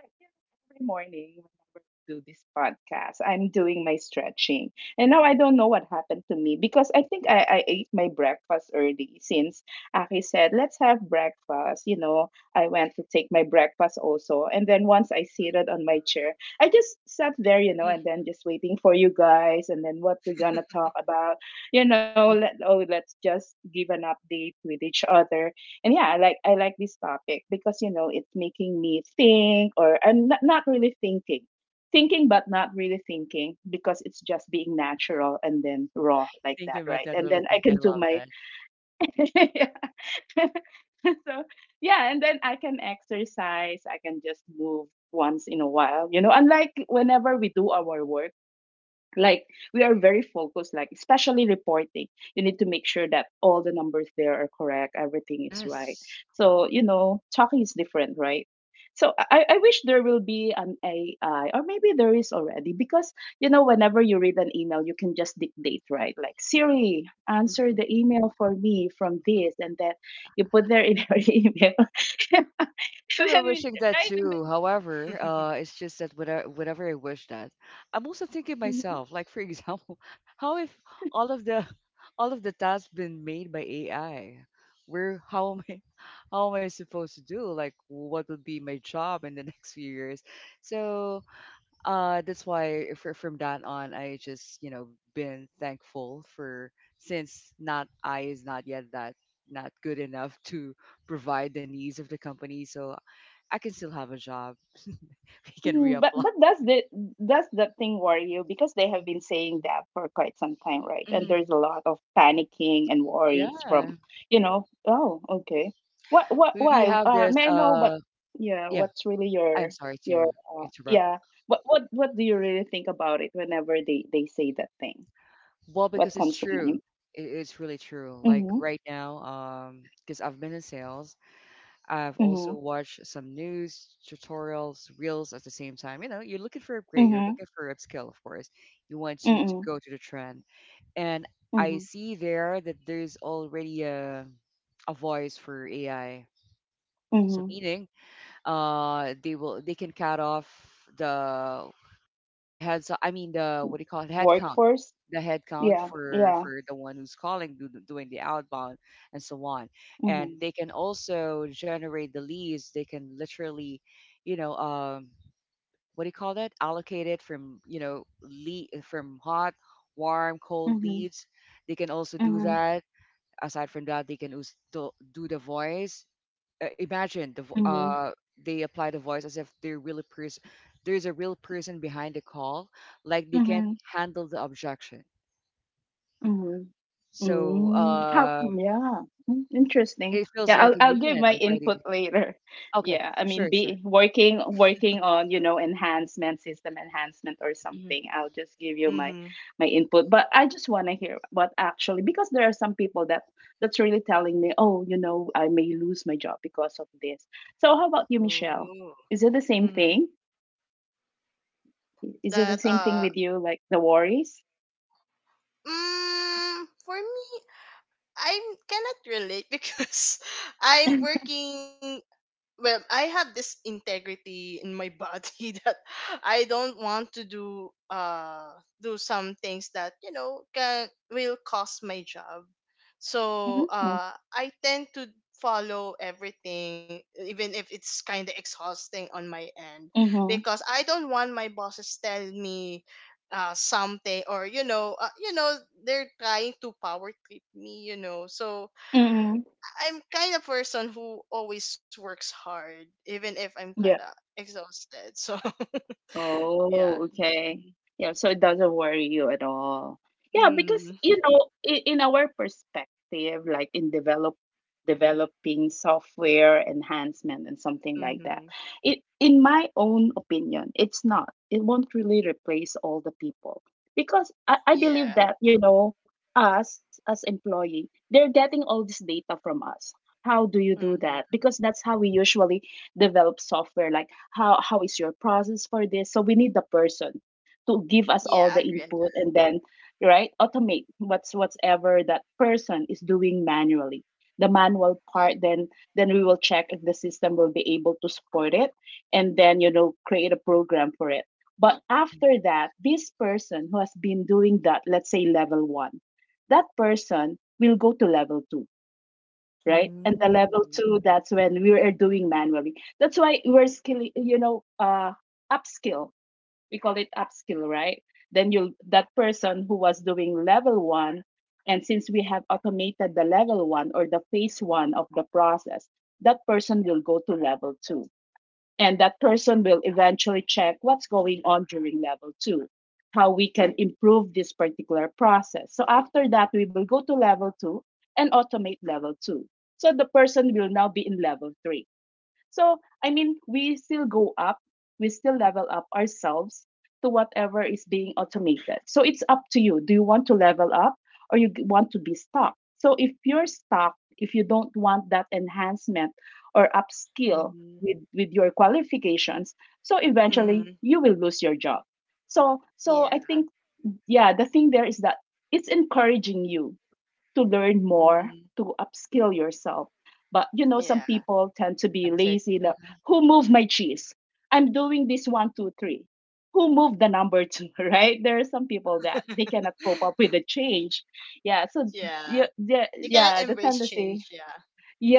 Speaker 3: every morning whenever I do this podcast, I'm doing my stretching. And now I don't know what happened to me, because I think I ate my breakfast early, since Aki said, let's have breakfast, you know, I went to take my breakfast also. And then once I seated on my chair, I just sat there, you know, and then just waiting for you guys and then what we're gonna talk about. You know,
Speaker 1: Uh,
Speaker 3: let's just give an update with each other. And yeah, I like this topic, because, it's making me think, or I'm not really thinking. Thinking but not really thinking, because it's just being natural and then raw like that,
Speaker 1: thinking about
Speaker 3: right?
Speaker 1: that
Speaker 3: And
Speaker 1: really
Speaker 3: then I
Speaker 1: think. I
Speaker 3: can do
Speaker 1: love
Speaker 3: my
Speaker 1: that.
Speaker 3: So yeah, and then I can exercise, I can just move once in a while, you know, unlike whenever we do our work, like, we are very focused, like, especially reporting, you need to make sure that all the numbers there are correct, everything is right.
Speaker 1: Yes.
Speaker 3: So, you know, talking is different, right? So I wish there will be an AI, or maybe there is already, because, whenever you read an email you can just dictate, right, like, Siri, answer
Speaker 1: Mm-hmm.
Speaker 3: the email for me from this and that, you put there in your email.
Speaker 1: Sometimes I'm wishing that
Speaker 3: Right, and
Speaker 1: too.
Speaker 3: then,
Speaker 1: However, it's just that whenever I wish that, I'm also thinking
Speaker 3: mm-hmm.
Speaker 1: myself, like for example, how if all of the all of the tasks been made by AI? Where how am I how am I supposed to do? Like what would be my job in the next few years? So that's why from that on, I just you know been thankful for since not I is not yet that not good enough to provide the needs of the company. So I can still have a job. I can
Speaker 3: Mm. But
Speaker 1: reapply.
Speaker 3: but does that thing worry you? Because they have been saying that for quite some time, right? And
Speaker 1: Hmm.
Speaker 3: there's a lot of panicking and worries from,
Speaker 1: Yeah.
Speaker 3: you know, oh, okay. What
Speaker 1: We
Speaker 3: Why?
Speaker 1: have this
Speaker 3: May I know what? Yeah,
Speaker 1: yeah,
Speaker 3: what's really
Speaker 1: I'm
Speaker 3: your
Speaker 1: sorry
Speaker 3: your?
Speaker 1: to interrupt.
Speaker 3: Yeah, what do you really think about it whenever they say that thing?
Speaker 1: Well,
Speaker 3: What
Speaker 1: because it's
Speaker 3: comes to
Speaker 1: true.
Speaker 3: mind?
Speaker 1: It's really true. Like
Speaker 3: Mm-hmm.
Speaker 1: right now, because I've been in sales, I've
Speaker 3: Mm-hmm.
Speaker 1: also watched some news, tutorials, reels at the same time. You know, you're looking for upgrade, you're
Speaker 3: Mm-hmm.
Speaker 1: looking for upskill, of course. You want to
Speaker 3: Mm-hmm.
Speaker 1: go to the trend. And I
Speaker 3: Mm-hmm.
Speaker 1: see there that there's already a voice for AI. So
Speaker 3: Mm-hmm.
Speaker 1: meaning they will they can cut off the heads I mean the what do you call it, head count,
Speaker 3: Workforce.
Speaker 1: the head count
Speaker 3: Yeah. Yeah.
Speaker 1: for the one who's calling, doing the outbound and so on, and
Speaker 3: Mm-hmm.
Speaker 1: they can also generate the leads. They can literally, you know um what do you call that, allocate it from, you know, lead from hot, warm, cold
Speaker 3: Mm-hmm.
Speaker 1: leads. They can also do
Speaker 3: Mm-hmm.
Speaker 1: that. Aside from that, they can do do the voice. uh, imagine the vo-
Speaker 3: Mm-hmm.
Speaker 1: uh they apply the voice as if they're really person, there's a real person behind the call. Like they can
Speaker 3: Mm-hmm.
Speaker 1: handle the objection.
Speaker 3: Mhm.
Speaker 1: so
Speaker 3: Mm. How,
Speaker 1: uh
Speaker 3: yeah. Mm, interesting.
Speaker 1: it feels
Speaker 3: Yeah, I'll
Speaker 1: like a
Speaker 3: I'll give
Speaker 1: human
Speaker 3: my
Speaker 1: already.
Speaker 3: input later.
Speaker 1: Okay,
Speaker 3: Yeah, I
Speaker 1: sure,
Speaker 3: mean,
Speaker 1: sure.
Speaker 3: be working on, enhancement, system enhancement or
Speaker 1: Hmm.
Speaker 3: something. I'll just give you my
Speaker 2: mm-hmm.
Speaker 3: my input. But I just want to hear what actually, because there are some people that's really telling me, "Oh, you know, I may lose my job because of this." So how about you,
Speaker 2: Oh.
Speaker 3: Michelle? Is it the same
Speaker 2: Mm-hmm.
Speaker 3: thing? Is it the
Speaker 2: That
Speaker 3: same thing with you, like, the worries?
Speaker 2: mm, for me, I cannot relate because I'm working. Well, I have this integrity in my body that I don't want to do do some things that you know can will cost my job. So
Speaker 3: Mm-hmm.
Speaker 2: I tend to follow everything even if it's kind of exhausting on my end
Speaker 3: Mm-hmm.
Speaker 2: because I don't want my bosses tell me something or they're trying to power trip me, so
Speaker 3: Mm-hmm.
Speaker 2: I'm kind of person who always works hard, even if I'm kinda
Speaker 3: Yeah.
Speaker 2: exhausted. So yeah.
Speaker 3: Oh, okay. Yeah, so it doesn't worry you at all. Yeah, because, you
Speaker 2: Mm.
Speaker 3: know, in our perspective, like in developing software enhancement and something
Speaker 2: Mm-hmm.
Speaker 3: like that, it, in my own opinion, it's not. It won't really replace all the people, because I believe
Speaker 2: Yeah.
Speaker 3: that, us as employee, they're getting all this data from us. How do you do that?
Speaker 2: Mm-hmm.
Speaker 3: Because that's how we usually develop software like how is your process for this, so we need the person to give us
Speaker 2: Yeah,
Speaker 3: all
Speaker 2: I
Speaker 3: the
Speaker 2: agree on
Speaker 3: input
Speaker 2: that.
Speaker 3: and then right automate what's whatever that person is doing manually, the manual
Speaker 2: Yeah.
Speaker 3: part. Then we will check if the system will be able to support it and then create a program for it. But
Speaker 1: Hmm.
Speaker 3: after that, this person who has been doing that, let's say level 1, that person will go to level 2, right? And the level
Speaker 2: Mm.
Speaker 3: two, that's when we are doing manually. That's why we're skilling, upskill. We call it upskill, right? Then you'll That person who was doing level one, and since we have automated the level one or the phase one of the process, that person will go to level two. And that person will eventually check what's going on during level two, how we can improve this particular process. So after that, we will go to level two and automate level two. So the person will now be in level three. So, I mean, we still go up, we still level up ourselves to whatever is being automated. So, it's up to you. Do you want to level up or want to be stuck? So, if you're stuck, if you don't want that enhancement or upskill
Speaker 2: Mm-hmm.
Speaker 3: with your qualifications, so eventually
Speaker 2: Mm-hmm.
Speaker 3: you will lose your job. So,
Speaker 2: Yeah.
Speaker 3: I think, yeah, the thing there is that it's encouraging you to learn more,
Speaker 2: Mm-hmm.
Speaker 3: to upskill yourself. But some
Speaker 2: Yeah.
Speaker 3: people tend
Speaker 1: Like
Speaker 3: to
Speaker 1: a
Speaker 3: be
Speaker 1: tactic.
Speaker 3: lazy. Like,
Speaker 1: Mhm.
Speaker 3: who moved my cheese? I'm doing this one, two, three. Who moved the number two? Right? There are some people that they cannot cope up with the change. Yeah. So yeah,
Speaker 2: yeah.
Speaker 3: yeah,
Speaker 2: You cannot
Speaker 3: yeah, the
Speaker 2: embrace
Speaker 3: tendency.
Speaker 2: change, yeah.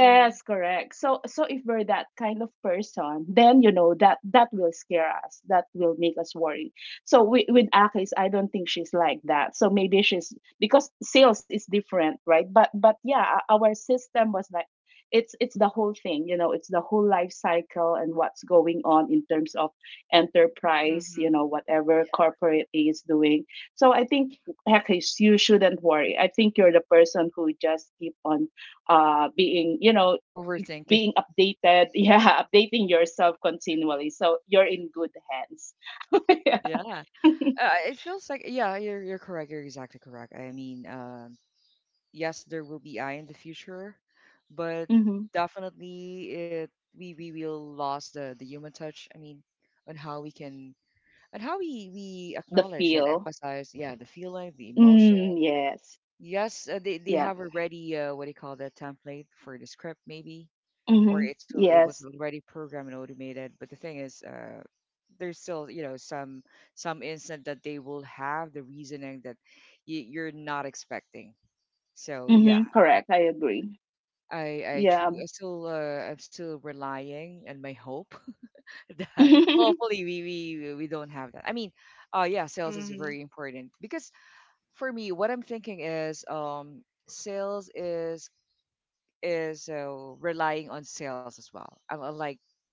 Speaker 2: Mm.
Speaker 3: correct. So if we're that kind of person, then that will scare us. That will make us worry. So with Akis, I don't think she's like that. So maybe she's because sales is different, right? But yeah, our system was like it's the whole thing, it's the whole life cycle and what's going on in terms of enterprise,
Speaker 2: Mm-hmm.
Speaker 3: whatever
Speaker 2: Yeah.
Speaker 3: corporate A is doing. So I think Akis, you shouldn't worry. I think you're the person who just keep on being
Speaker 1: Overthinking.
Speaker 3: being updated yeah, updating yourself continually, so you're in good hands. Yeah.
Speaker 1: yeah. It feels like, yeah, you're correct, you're exactly correct. Yes, there will be AI in the future, but
Speaker 3: Hmm.
Speaker 1: definitely it we will lose the human touch. I mean, on how we can, and how we
Speaker 3: The
Speaker 1: acknowledge and
Speaker 3: feel.
Speaker 1: emphasize, yeah, the feeling, the emotion.
Speaker 3: Mm, yes.
Speaker 1: Yes, they
Speaker 3: Yeah.
Speaker 1: have already, what do you call that, template for the script maybe, or
Speaker 3: Hmm,
Speaker 1: it's it was
Speaker 3: yes.
Speaker 1: already programmed and automated. But the thing is, there's still, you know, some instant that they will have the reasoning that you're not expecting. So yeah.
Speaker 3: Hmm, correct, I agree.
Speaker 1: I I true
Speaker 3: Yeah.
Speaker 1: I still uh, I'm still relying and my hope that
Speaker 3: Hmm.
Speaker 1: hopefully we don't have that. I mean, yeah, sales is
Speaker 2: Mm-hmm.
Speaker 1: very important because for me what I'm thinking is, sales is, relying on sales as well. Unlike,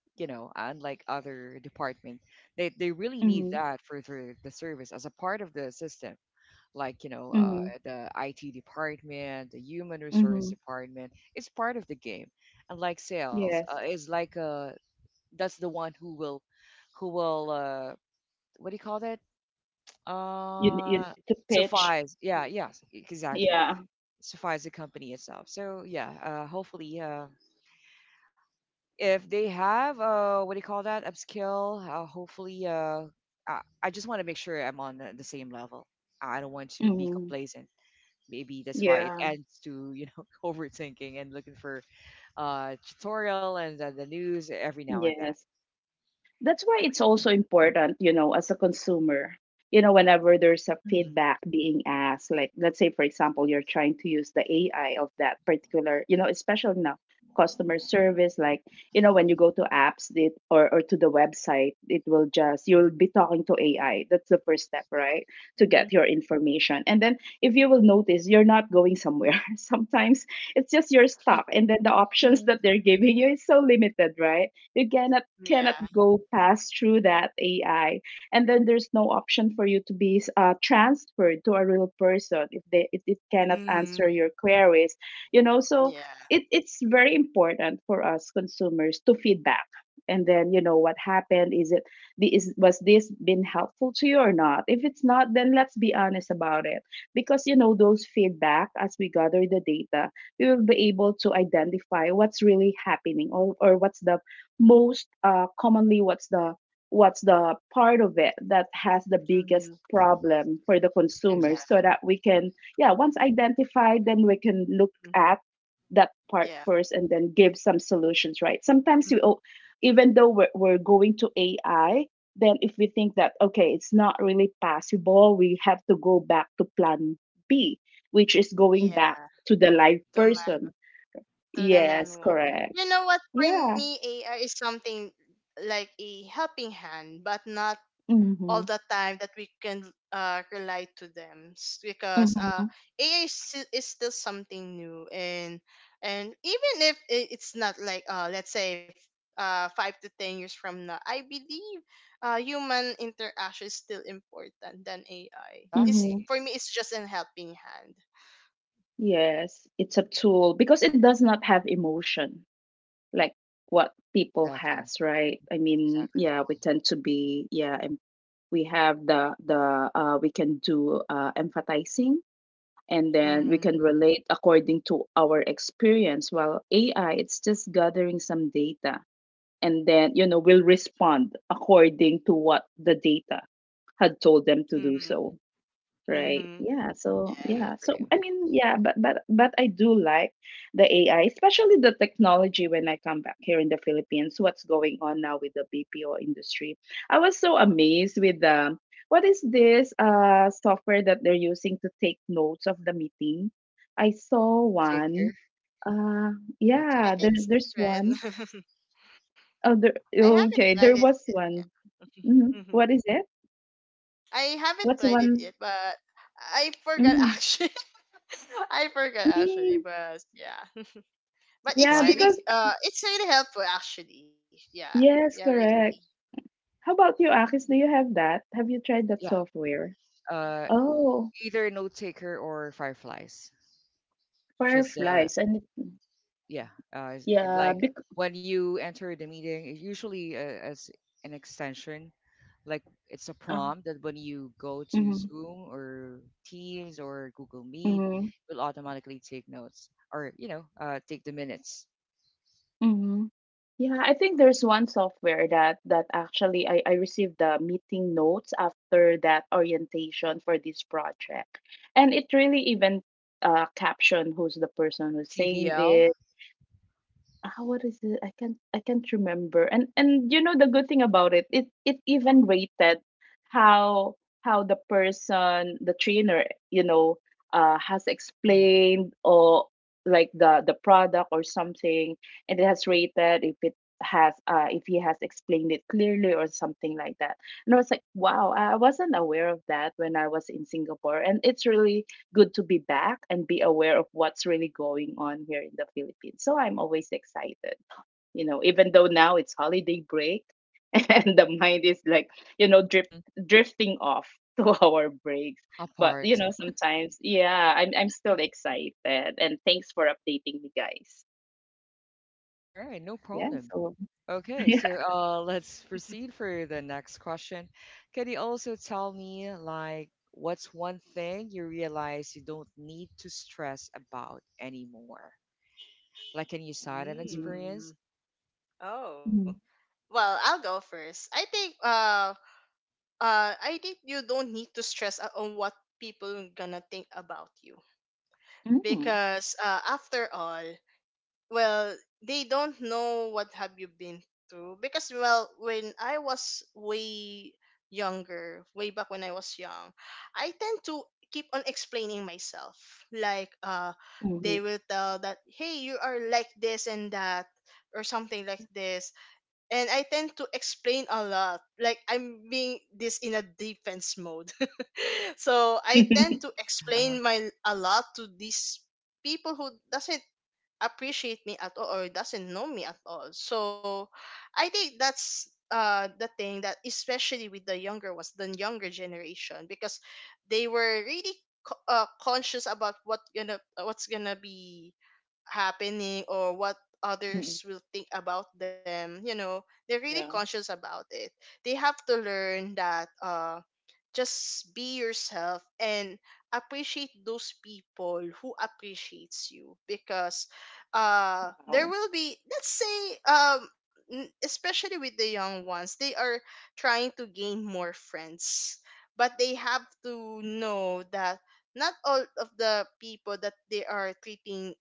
Speaker 1: you know, unlike other department, they really need that for the service as a part of the system, like, you know,
Speaker 3: Hmm.
Speaker 1: the IT department, the human resource
Speaker 3: Hmm,
Speaker 1: department. It's part of the game, and like sales,
Speaker 3: yes.
Speaker 1: is like, that's the one who will, who will what do you call that
Speaker 3: You
Speaker 1: uh
Speaker 3: need to pitch.
Speaker 1: suffice. Yeah, yes, exactly,
Speaker 3: Yeah.
Speaker 1: suffice the company itself. So yeah, hopefully if they have, what do you call that, upskill, hopefully I just want to make sure I'm on the same level. I don't want to be
Speaker 3: Hmm.
Speaker 1: complacent. Maybe that's why it
Speaker 3: Yeah.
Speaker 1: ends to, you know, overthinking and looking for tutorial and, the news every now and then.
Speaker 3: Yes. That's why it's
Speaker 1: Okay.
Speaker 3: also important, you know, as a consumer, you know, whenever there's a
Speaker 1: Mm-hmm.
Speaker 3: feedback being asked, like let's say, for example, you're trying to use the AI of that particular, you know, especially now customer service, like, you know, when you go to apps or to the website, it will just, you'll be talking to AI. That's the first step, right? To get your information. And then if you will notice, you're not going somewhere. Sometimes it's just your stuff. And then the options
Speaker 1: Hmm.
Speaker 3: that they're giving you is so limited, right? You cannot
Speaker 2: Yeah.
Speaker 3: go past through that AI. And then there's no option for you to be transferred to a real person if they if it cannot
Speaker 2: Mm-hmm.
Speaker 3: answer your queries. You know, so
Speaker 2: Yeah.
Speaker 3: it's very important for us consumers to feedback and then you know what happened, is was this been helpful to you or not? If it's not, then let's be honest about it, because you know those feedback, as we gather the data, we will be able to identify what's really happening, or what's the most commonly, what's the part of it that has the biggest
Speaker 2: Mm-hmm.
Speaker 3: problem for the
Speaker 2: Yeah.
Speaker 3: consumers, so
Speaker 1: Exactly.
Speaker 3: that we can, yeah,
Speaker 2: Right.
Speaker 3: once identified, then we can look
Speaker 2: Mm-hmm.
Speaker 3: at that part
Speaker 2: Yeah.
Speaker 3: first and then give some solutions. Right? Sometimes
Speaker 2: Mm-hmm.
Speaker 3: we, oh, even though we're going to AI, then if we think that okay, it's not really possible, we have to go back to plan B, which is going back
Speaker 2: Yeah.
Speaker 3: to the live person.
Speaker 2: To the
Speaker 3: Yes,
Speaker 2: manual.
Speaker 3: correct.
Speaker 2: You know what? For
Speaker 3: Yeah.
Speaker 2: me, AI is something like a helping hand, but not all
Speaker 3: Mhm.
Speaker 2: the time that we can rely to them, because
Speaker 3: Mhm.
Speaker 2: AI is still something new and even if it's not like let's say 5 to 10 years from now, I believe human interaction is still important than AI. This
Speaker 3: Mhm.
Speaker 2: for
Speaker 1: Exactly.
Speaker 2: me, it's just an helping hand.
Speaker 3: Yes, it's a tool because it does not have emotion like what people has,
Speaker 1: Exactly,
Speaker 3: right? I mean,
Speaker 1: exactly the
Speaker 3: yeah, we
Speaker 1: point.
Speaker 3: tend to be, yeah, and we have the we can do empathizing, and then we
Speaker 2: Mm-hmm.
Speaker 3: can relate according to our experience. While AI, it's just gathering some data, and then will respond according to what the data had told them to do so. Right.
Speaker 2: Mm-hmm.
Speaker 3: Yeah. So
Speaker 2: Yeah.
Speaker 1: Agree,
Speaker 3: yeah. So
Speaker 1: agree.
Speaker 3: I mean, yeah, but I do like the AI, especially the technology when I come back here in the Philippines, what's going on now with the BPO industry. I was so amazed with the what is this uh, software that they're using to take notes of the meeting. I saw
Speaker 1: Note
Speaker 3: one.
Speaker 1: taker.
Speaker 3: Uh,
Speaker 1: Note
Speaker 2: I
Speaker 3: yeah,
Speaker 2: think
Speaker 1: taker.
Speaker 2: it's
Speaker 3: there's one.
Speaker 2: different.
Speaker 3: Oh, there,
Speaker 2: I haven't
Speaker 3: okay,
Speaker 2: tried it
Speaker 3: there was
Speaker 2: yet.
Speaker 3: one. Mhm.
Speaker 2: hmm
Speaker 3: What is it?
Speaker 2: I haven't
Speaker 3: What's the
Speaker 2: tried it
Speaker 3: one?
Speaker 2: yet, but I forgot
Speaker 3: Mm,
Speaker 2: actually. I forgot actually,
Speaker 3: mm,
Speaker 2: but yeah. But it's
Speaker 3: yeah, because
Speaker 2: really
Speaker 1: Fireflies.
Speaker 2: helpful actually. Yeah. Yeah,
Speaker 3: yes,
Speaker 2: really.
Speaker 3: correct. How about you, Akis? Do you have that? Have you tried that
Speaker 1: Yeah.
Speaker 3: software?
Speaker 1: uh
Speaker 3: Oh,
Speaker 1: Either note taker or fireflies. Just
Speaker 3: Fireflies. And it-
Speaker 1: Yeah.
Speaker 3: yeah,
Speaker 1: Like
Speaker 3: bec
Speaker 1: when you enter the meeting, it's usually, as an extension. Like, it's a
Speaker 3: oh,
Speaker 1: prompt that when you go to
Speaker 3: mm-hmm,
Speaker 1: Zoom or Teams or Google Meet,
Speaker 3: mm-hmm,
Speaker 1: it will automatically take notes, or, you know, take the minutes.
Speaker 3: mm-hmm. Yeah, I think there's one software that actually I received the meeting notes after that orientation for this project. And it really even captioned who's the person who's saying this.
Speaker 1: TVL.
Speaker 3: Ah, what is it? I can't remember. And you know the good thing about it, it even rated how the person, the trainer, you know, has
Speaker 1: Mm-hmm.
Speaker 3: explained or like the product or something, and it has rated if it has if he has explained it clearly or something like that. And I was like, wow, I wasn't aware of that when I was in Singapore, and it's really good to be back and be aware of what's really going on here in the Philippines. So I'm always excited, you know, even though now it's holiday break and the mind is like, you know, drifting off to our breaks. But, you
Speaker 1: Apart.
Speaker 3: know, sometimes, yeah, I'm still excited. And thanks for updating me, guys.
Speaker 1: All right, no
Speaker 3: Yeah.
Speaker 1: problem.
Speaker 3: So,
Speaker 1: Okay,
Speaker 3: yeah.
Speaker 1: so let's proceed for the next question. Can you also tell me, like, what's one thing you realize you don't need to stress about anymore? Like, can you cite an
Speaker 3: Mm,
Speaker 1: experience?
Speaker 2: Mm. Oh.
Speaker 3: mm,
Speaker 2: Well, I'll go first. I think you don't need to stress out on what people gonna think about you.
Speaker 3: mm,
Speaker 2: Because after all, well, they don't know what have you been through, because well, when I was way younger, way back when I was young, I tend to keep on explaining myself, like,
Speaker 3: mhm.
Speaker 2: they will tell that, hey, you are like this and that, or something like this. And I tend to explain a lot, like I'm being this in a defense mode, so I tend to
Speaker 1: Uh
Speaker 2: explain my a lot to these people who doesn't appreciate me at all or doesn't know me at all. So I think that's the thing that, especially with the younger, generation, because they were really conscious about what's gonna be happening or what
Speaker 3: Mm.
Speaker 2: others will think about them. You know, they're really
Speaker 3: Yeah.
Speaker 2: conscious about it. They have to learn that, just be yourself and appreciate those people who appreciates you. Because
Speaker 3: Wow.
Speaker 2: there will be, let's say, especially with the young ones, they are trying to gain more friends. But they have to know that not all of the people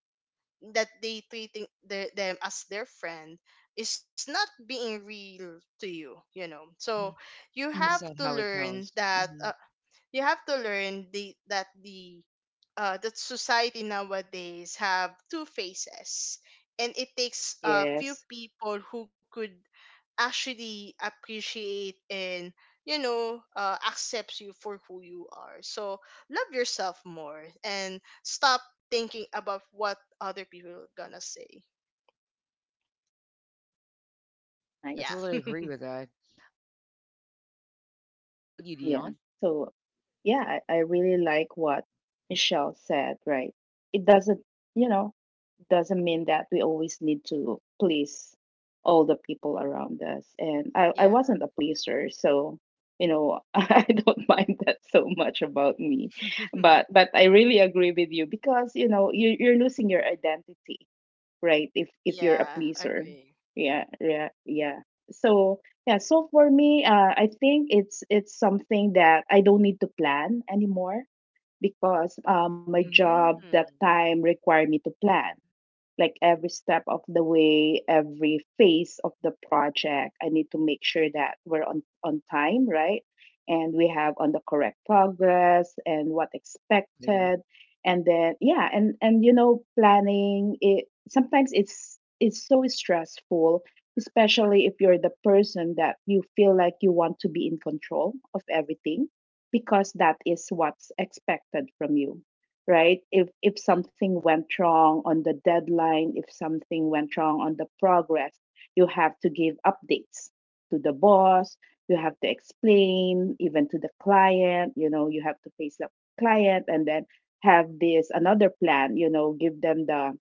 Speaker 2: that they treating the, them as their friend is not being real to you. You know so
Speaker 1: huh.
Speaker 2: you have
Speaker 3: Mm.
Speaker 1: That's not
Speaker 2: to
Speaker 1: how it
Speaker 2: learn
Speaker 1: goes.
Speaker 2: that.
Speaker 1: Hmm.
Speaker 2: You have to learn the that society nowadays have two faces, and it takes a few
Speaker 3: Yes.
Speaker 2: people who could actually appreciate, and accepts you for who you are. So love yourself more and stop thinking about what other people are gonna say.
Speaker 1: Yeah, I
Speaker 2: Yeah
Speaker 3: Nice.
Speaker 1: totally agree with that. How about you,
Speaker 3: Yeah.
Speaker 1: Dion?
Speaker 3: So, yeah, I really like what Michelle said, right? It doesn't, you know, doesn't mean that we always need to please all the people around us. And I
Speaker 2: yeah
Speaker 3: wasn't a pleaser, so you know, I don't mind that so much about me. But but I really agree with you because, you know, you're losing your identity, right? If you're a
Speaker 2: yeah
Speaker 3: pleaser.
Speaker 2: agree
Speaker 3: Yeah, yeah, yeah. So yeah, so for me, I think it's something that I don't need to plan anymore, because my job that
Speaker 2: mm-hmm.
Speaker 3: time require me to plan like every step of the way, every phase of the project. I need to make sure that we're on time, right? And we have on the correct progress and what
Speaker 1: Exactly.
Speaker 3: expected. And then yeah, and you know, planning it sometimes it's so stressful, especially if you're the person that you feel like you want to be in control of everything, because that is what's expected from you. Right? If
Speaker 1: Mhm,
Speaker 3: something went wrong on the deadline, if something went wrong on the progress, you have to give updates to the boss. You have to explain even to the client, you know, you have to face the client and then have this another plan, you know, give them the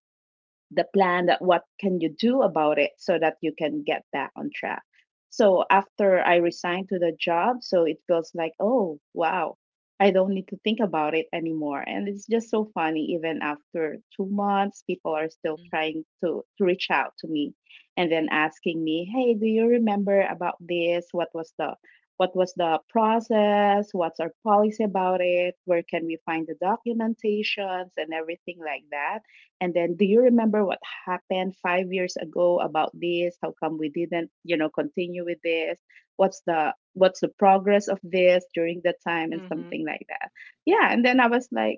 Speaker 3: plan that what can you do about it, so that you can get back on track. So after I resigned to the job, so it feels like oh wow, I don't need to think about it anymore. And it's just so funny, even after 2 months people are still
Speaker 1: mhm.
Speaker 3: trying to reach out to me, and then asking me hey do you remember about this, what was the process, what's our policy about it, where can we find the documentations and everything like that. And then, do you remember what happened 5 years ago about this? How come we didn't, you know, continue with this? What's the progress of this during that time and
Speaker 2: Mm-hmm.
Speaker 3: something like that? Yeah. And then I was like,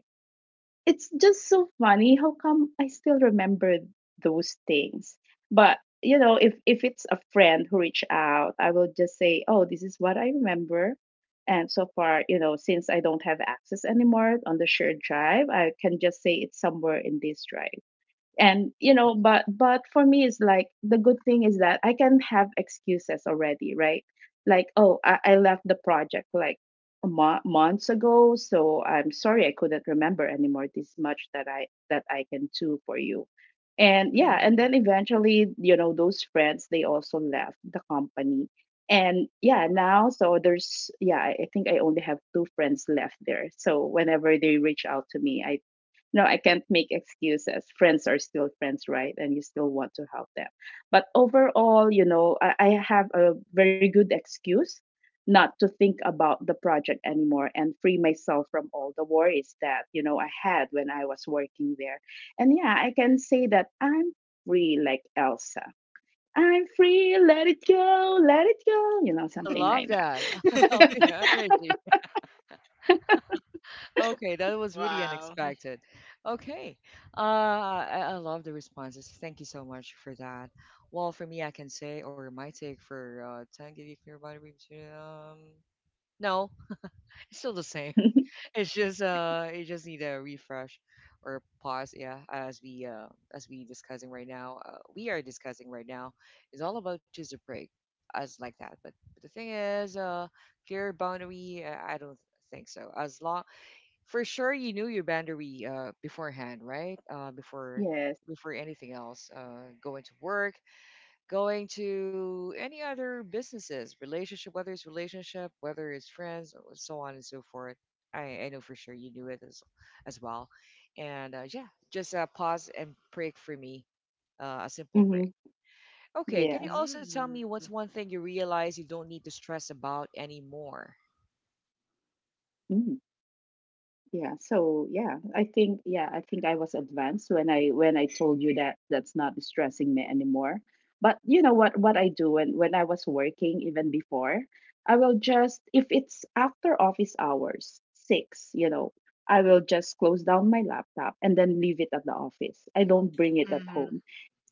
Speaker 3: it's just so funny. How come I still remember those things? But you know, if it's a friend who reached out, I will just say, oh, this is what I remember. And so far, you know, since I don't have access anymore on the shared drive, I can just say it's somewhere in this drive, and you know, but for me it's like the good thing is that I can have excuses already, right? Like oh I left the project like months ago, so I'm sorry I couldn't remember anymore, this much that I can do for you. And yeah, and
Speaker 2: Mm-hmm.
Speaker 3: then eventually you know those friends they also left the company, and yeah now so there's yeah I think I only have two friends left there, so whenever they reach out to me I no, I can't make excuses. Friends are still friends, right? And you still want to help them. But overall, I have a very good excuse not to think about the project anymore and free myself from all the worries that I had when I was working there. And yeah, I can say that I'm free like Elsa. I'm free, let it go,
Speaker 1: I
Speaker 3: something
Speaker 1: love
Speaker 3: like.
Speaker 1: that. I love the energy. Okay, that was really
Speaker 2: wow
Speaker 1: unexpected. Okay, I love the responses. Thank you so much for that. Well, for me, I can say, or my take for 10 gig nuclear body, um, no, it's still the same. It's just, it just need a refresh or pause. Yeah, as we discussing right now, we are discussing right now is all about just a break, as like that. But the thing is, clear boundary. I don't think so. As long for sure, you knew your boundary beforehand, right?
Speaker 3: Yes.
Speaker 1: Before anything else, going to work, going to any other businesses, relationship, whether it's friends, or so on and so forth. I know for sure you do it as well. And yeah, just pause and break for me, a simple break.
Speaker 3: Hmm.
Speaker 1: Okay, can you
Speaker 3: Yes.
Speaker 1: also tell me
Speaker 2: Mm.
Speaker 1: what's one thing you realize you don't need to stress about anymore?
Speaker 3: Mhm. Yeah, so yeah, I think I was advanced when I told you that that's not stressing me anymore. But you know what I do when I was working even before, I will just if it's after office hours, 6, I will just close down my laptop and then leave it at the office. I don't bring it at
Speaker 2: Mhm.
Speaker 3: home,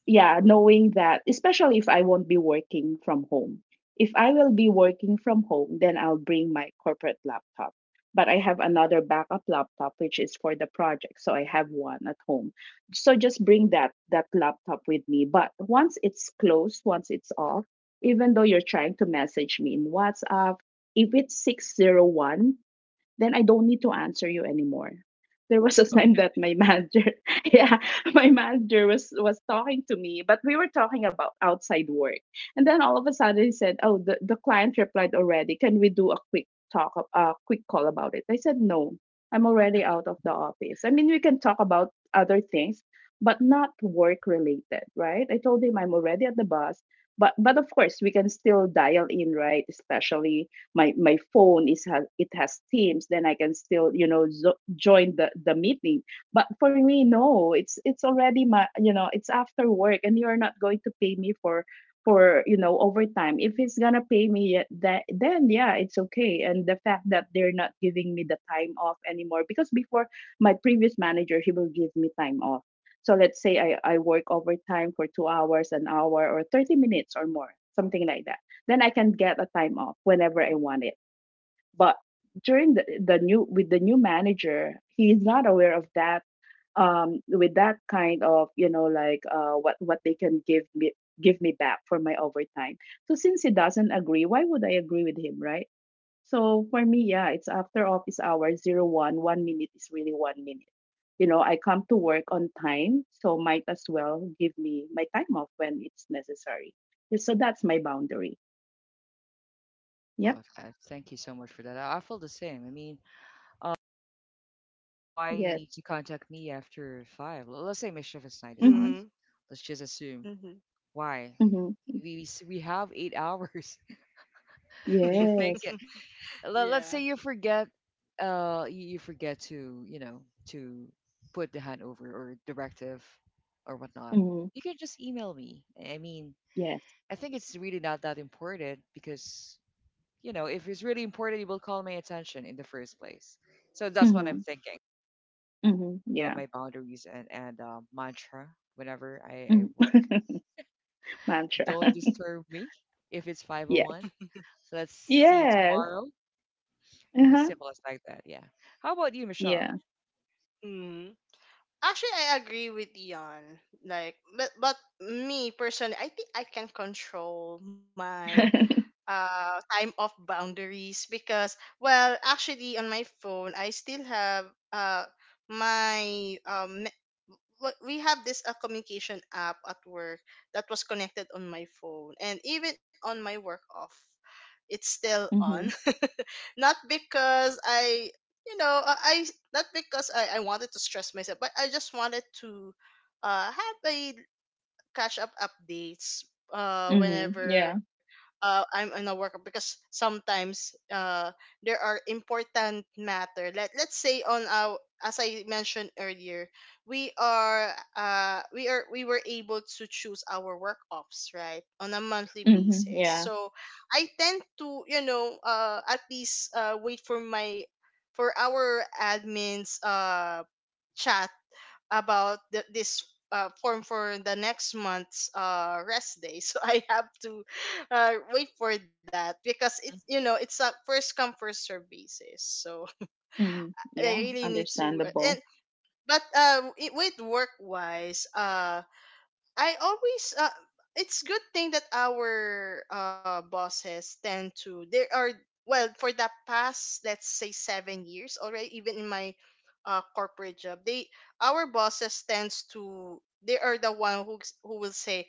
Speaker 3: yeah,
Speaker 2: Oh.
Speaker 3: knowing that, especially if I won't be working from home. If I will be working from home, then I'll bring my corporate laptop. But I have another backup laptop, which is for the project. So I have one at home. So just bring that laptop with me. But once it's closed, once it's off, even though you're trying to message me in WhatsApp, if it's 6:01, then I don't need to answer you anymore. There was a time that my manager, yeah, my manager was talking to me, but we were talking about outside work. And then all of a sudden he said, "Oh, the client replied already. Can we do a quick call about it?" I said, "No, I'm already out of the office. I mean, we can talk about other things, but not work related, right?" I told him I'm already at the bus, but of course we can still dial in, right? Especially my phone is has it has Teams, then I can still join the meeting. But for me, no, it's already my you know it's after work, and you're not going to pay me for overtime. If it's gonna pay me, yeah, that, then yeah, it's okay. And the fact that they're not giving me the time off anymore, because before, my previous manager, he will give me time off. So let's say I work overtime for 2 hours, an hour or 30 minutes or more, something like that, then I can get a time off whenever I want it. But during the new manager, he's not aware of that, with that kind of like what they can give me, back for my overtime. So since he doesn't agree, why would I agree with him, right? So for me, yeah, it's after office hours, 01, 1 minute is really 1 minute. You know, I come to work on time, so might as well give me my time off when it's necessary. So that's my boundary.
Speaker 1: I
Speaker 3: Yeah.
Speaker 1: love that. Thank you so much for that. I feel the same. I mean, why you
Speaker 3: Yes.
Speaker 1: need to contact me after five? Let's say my shift is nine to five.
Speaker 3: Mhm,
Speaker 2: Mhm.
Speaker 1: Let's just assume
Speaker 2: Mhm.
Speaker 1: why
Speaker 3: mhm.
Speaker 1: we have 8 hours. Do you think
Speaker 3: Yes.
Speaker 1: it? Let's
Speaker 2: yeah.
Speaker 1: say you forget, you forget to, you know, to put the handover or directive or whatnot.
Speaker 3: Mhm.
Speaker 1: You can just email me. I mean,
Speaker 3: Yes.
Speaker 1: I think it's really not that important, because, you know, if it's really important, it will call my attention in the first place. So that's what I'm
Speaker 3: Mhm,
Speaker 1: thinking.
Speaker 3: mhm.
Speaker 1: Also,
Speaker 3: Yeah.
Speaker 1: my boundaries and mantra whenever I
Speaker 3: Mhm.
Speaker 1: work.
Speaker 3: Mantra.
Speaker 1: Don't disturb me if it's
Speaker 3: Yes.
Speaker 1: 501. Let's see you
Speaker 3: Yes.
Speaker 1: tomorrow. As
Speaker 3: Uh-huh.
Speaker 1: simple as like that. Yeah. How about you, Michelle?
Speaker 3: Yeah.
Speaker 2: Mhm. Actually, I agree with Dion. Like, but me personally, I think I can control my time off boundaries, because well, actually on my phone, I still have uh, my um, me- we have this communication app at work that was connected on my phone, and even on my work off, it's still on.
Speaker 3: Mhm,
Speaker 2: Not because I you know I- not because I wanted to stress myself, but I just wanted to have a catch up updates
Speaker 1: Hmm.
Speaker 3: mhm. Yeah.
Speaker 2: whenever I'm in a work, because sometimes there are important matter. Let's say, on our, as I mentioned earlier, we were able to choose our work offs, right? On a monthly
Speaker 3: Mhm.
Speaker 2: basis.
Speaker 3: Yeah.
Speaker 2: So I tend to, at least wait for my for our admins chat about this form for the next month's rest day. So I have to wait for that, because it's
Speaker 1: Hmm.
Speaker 2: you know it's a first come first serve basis. So
Speaker 3: Mhm.
Speaker 2: I
Speaker 3: Yeah.
Speaker 2: really need to.
Speaker 3: Understandable.
Speaker 2: With work wise, I always it's good thing that our bosses tend to, there are, well, for the past, let's say, 7 years already, even in my corporate job, they our bosses tends to, they are the one who will say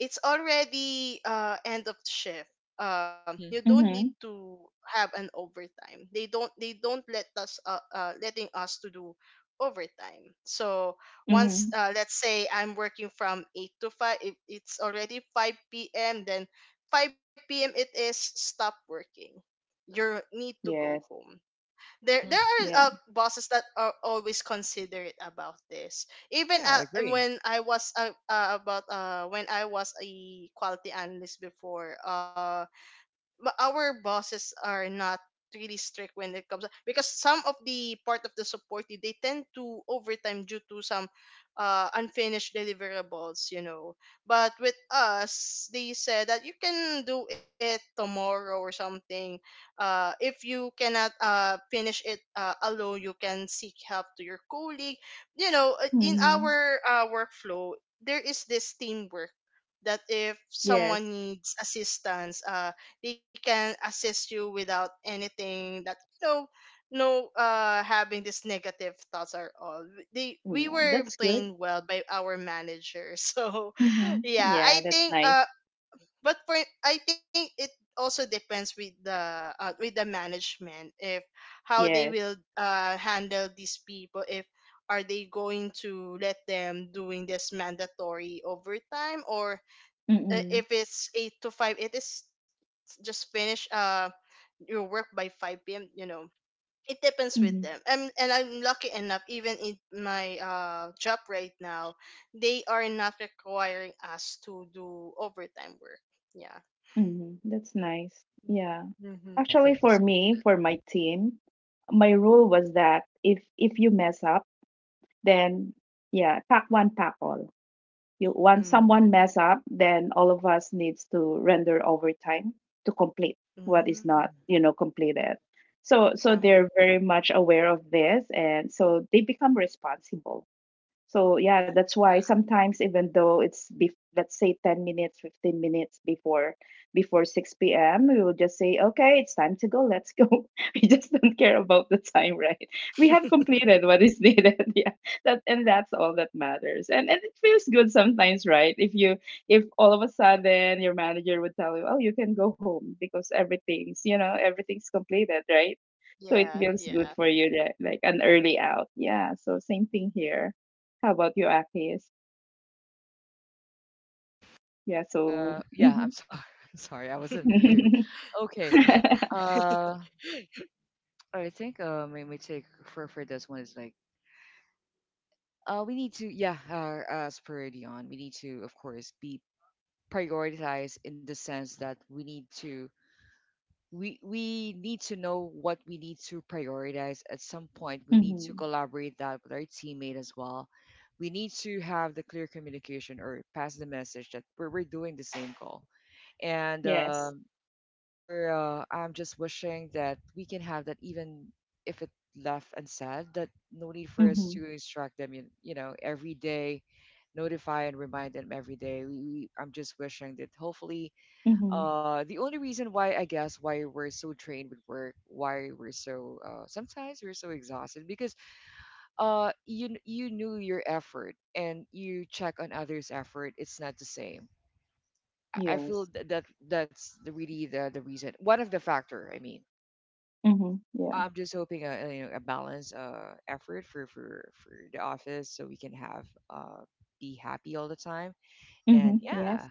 Speaker 2: it's already end of shift. You
Speaker 1: Hmm.
Speaker 2: don't need
Speaker 3: Mhm,
Speaker 2: to have an overtime. They don't let us letting us to do overtime. So
Speaker 3: mhm.
Speaker 2: once let's say I'm working from 8 to 5. If it's already 5 p.m, then 5 p.m, it is. Stop working. You need to go
Speaker 3: Yes.
Speaker 2: home. There
Speaker 1: Hmm.
Speaker 2: are
Speaker 3: Yeah.
Speaker 2: bosses that are always considerate about this. Even
Speaker 1: Yeah, I agree.
Speaker 2: when I was a quality analyst before, but our bosses are not really strict when it comes, because some of the part of the support team, they tend to overtime due to some unfinished deliverables, but with us, they said that you can do it tomorrow or something. If you cannot finish it alone, you can seek help to your colleague, in
Speaker 3: Mhm.
Speaker 2: our workflow there is this teamwork that if someone
Speaker 3: Yes.
Speaker 2: needs assistance, they can assist you without anything that, you know no, having this negative thoughts are all. They We
Speaker 3: Yeah.
Speaker 2: were
Speaker 3: That's good.
Speaker 2: playing well by our manager. So
Speaker 3: Mhm.
Speaker 2: yeah,
Speaker 3: Yeah.
Speaker 2: I
Speaker 3: That's
Speaker 2: think
Speaker 3: nice.
Speaker 2: but for it also depends with the, with the management, if how they
Speaker 3: Yes.
Speaker 2: will handle these people, if are they going to let them doing this mandatory overtime or,
Speaker 1: Hmm.
Speaker 3: Mhm.
Speaker 2: if it's eight to five, it is just finish your work by 5 p.m. You know, it depends with
Speaker 3: Mhm.
Speaker 2: them. And I'm lucky enough, even in my job right now, they are not requiring us to do overtime work. Yeah.
Speaker 3: Mhm, that's nice. Yeah.
Speaker 2: Mm-hmm.
Speaker 1: Yeah,
Speaker 3: Actually,
Speaker 1: thank you
Speaker 3: for
Speaker 1: so much.
Speaker 3: me, for my team, my rule was that if you mess up, then yeah, pack one, pack all. You once
Speaker 2: Mm.
Speaker 3: someone mess up, then all of us needs to render overtime to complete
Speaker 2: Mm-hmm.
Speaker 3: what is not, completed. So
Speaker 2: Uh-huh.
Speaker 3: they're very much aware of this, and so they become responsible, so yeah, that's why sometimes even though it's be let's say 10 minutes, 15 minutes before 6 p.m., we will just say, "Okay, it's time to go. Let's go." We just don't care about the time, right? We have completed what is needed. Yeah. That, and that's all that matters. And it feels good sometimes, right? If all of a sudden your manager would tell you, "Oh, you can go home because everything's completed," right? So it
Speaker 2: Yeah,
Speaker 3: feels good
Speaker 2: yeah.
Speaker 3: for you, that, like an early out. Yeah. So same thing here. How about you, Akis? Yeah, so
Speaker 1: Yeah,
Speaker 3: mhm.
Speaker 1: I'm sorry. I'm sorry, I was on mute. Okay. Uh, I think my take for this one is like, we need to, yeah, as per Dion, we need to of course be prioritized in the sense that we need to know what we need to prioritize. At some point we need to
Speaker 3: Mhm.
Speaker 1: collaborate that with our teammate as well. We need to have the clear communication or pass the message that we're doing the same goal, and
Speaker 3: Yes.
Speaker 1: we're, I'm just wishing that we can have that even if it left unsaid, that no need for us
Speaker 3: Mm-hmm.
Speaker 1: to instruct them, you know, every day notify and remind them every day. I'm just wishing that hopefully,
Speaker 3: Mm-hmm.
Speaker 1: the only reason why I guess why we're so drained with work, why we're so, sometimes we're so exhausted, because you knew your effort and you check on others' effort. It's not the same. I feel
Speaker 3: Yes.
Speaker 1: that, that that's the, really the reason. One of the factor. I mean,
Speaker 3: Mm-hmm.
Speaker 1: so
Speaker 3: Yeah.
Speaker 1: I'm just hoping you know, a balanced effort for the office, so we can have uh be happy all the time.
Speaker 3: Mm-hmm.
Speaker 1: And yeah,
Speaker 3: Yes.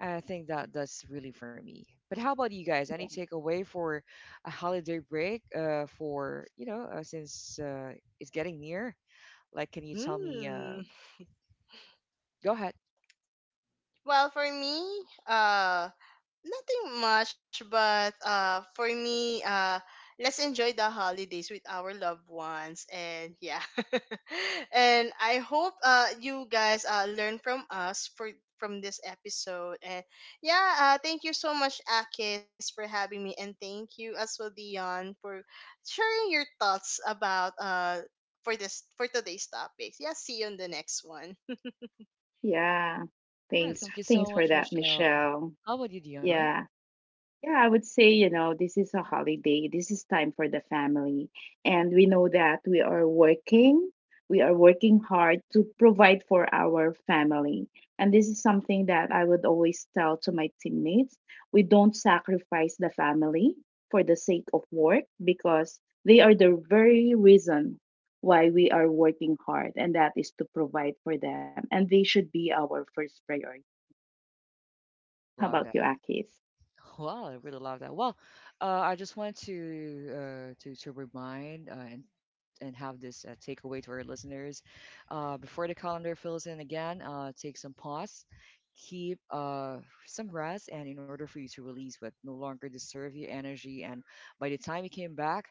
Speaker 1: I think that that's really for me. But how about you guys? Any
Speaker 3: Yeah.
Speaker 1: takeaway for a holiday break? For, you know, since it's getting near, like, can you tell me?
Speaker 2: mm.
Speaker 1: Go ahead.
Speaker 2: Well, for me, uh nothing much, but for me, let's enjoy the holidays with our loved ones, and yeah. And I hope you guys learn from us for from this episode. And yeah, thank you so much, Akis, for having me, and thank you as well, Dion, for sharing your thoughts about for today's topics. Yeah, see you on the next one.
Speaker 3: Yeah.
Speaker 1: Yeah,
Speaker 3: Thanks.
Speaker 1: thank you
Speaker 3: Thanks
Speaker 1: so
Speaker 3: for
Speaker 1: much,
Speaker 3: that,
Speaker 1: Michelle.
Speaker 3: Michelle.
Speaker 1: How about you, Dion?
Speaker 3: Yeah, yeah, I would say, you know, this is a holiday. This is time for the family. And we know that we are working. We are working hard to provide for our family. And this is something that I would always tell to my teammates. We don't sacrifice the family for the sake of work, because they are the very reason why we are working hard, and that is to provide for them. And they should be our first priority.
Speaker 1: I
Speaker 3: How about
Speaker 1: love
Speaker 3: you,
Speaker 1: that.
Speaker 3: Akis?
Speaker 1: Wow, I really love that. Well, I just want to to remind, and have this, takeaway to our listeners. Before the calendar fills in again, take some pause, keep, some rest, and in order for you to release what no longer deserve your energy, and by the time you came back,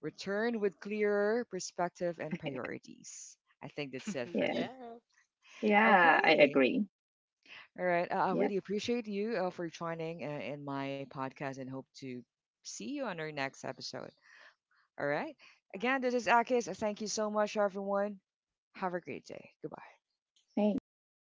Speaker 1: return with clearer perspective and priorities. I think that's it for
Speaker 3: Yes.
Speaker 1: me.
Speaker 2: yeah
Speaker 3: Yeah, I
Speaker 1: Okay.
Speaker 3: agree.
Speaker 1: All right. I
Speaker 3: Yep.
Speaker 1: really appreciate you, for joining, in my podcast, and hope to see you on our next episode. All right. Again, this is Akis. Thank you so much, everyone. Have a great day. Goodbye.
Speaker 3: Thanks. Bye.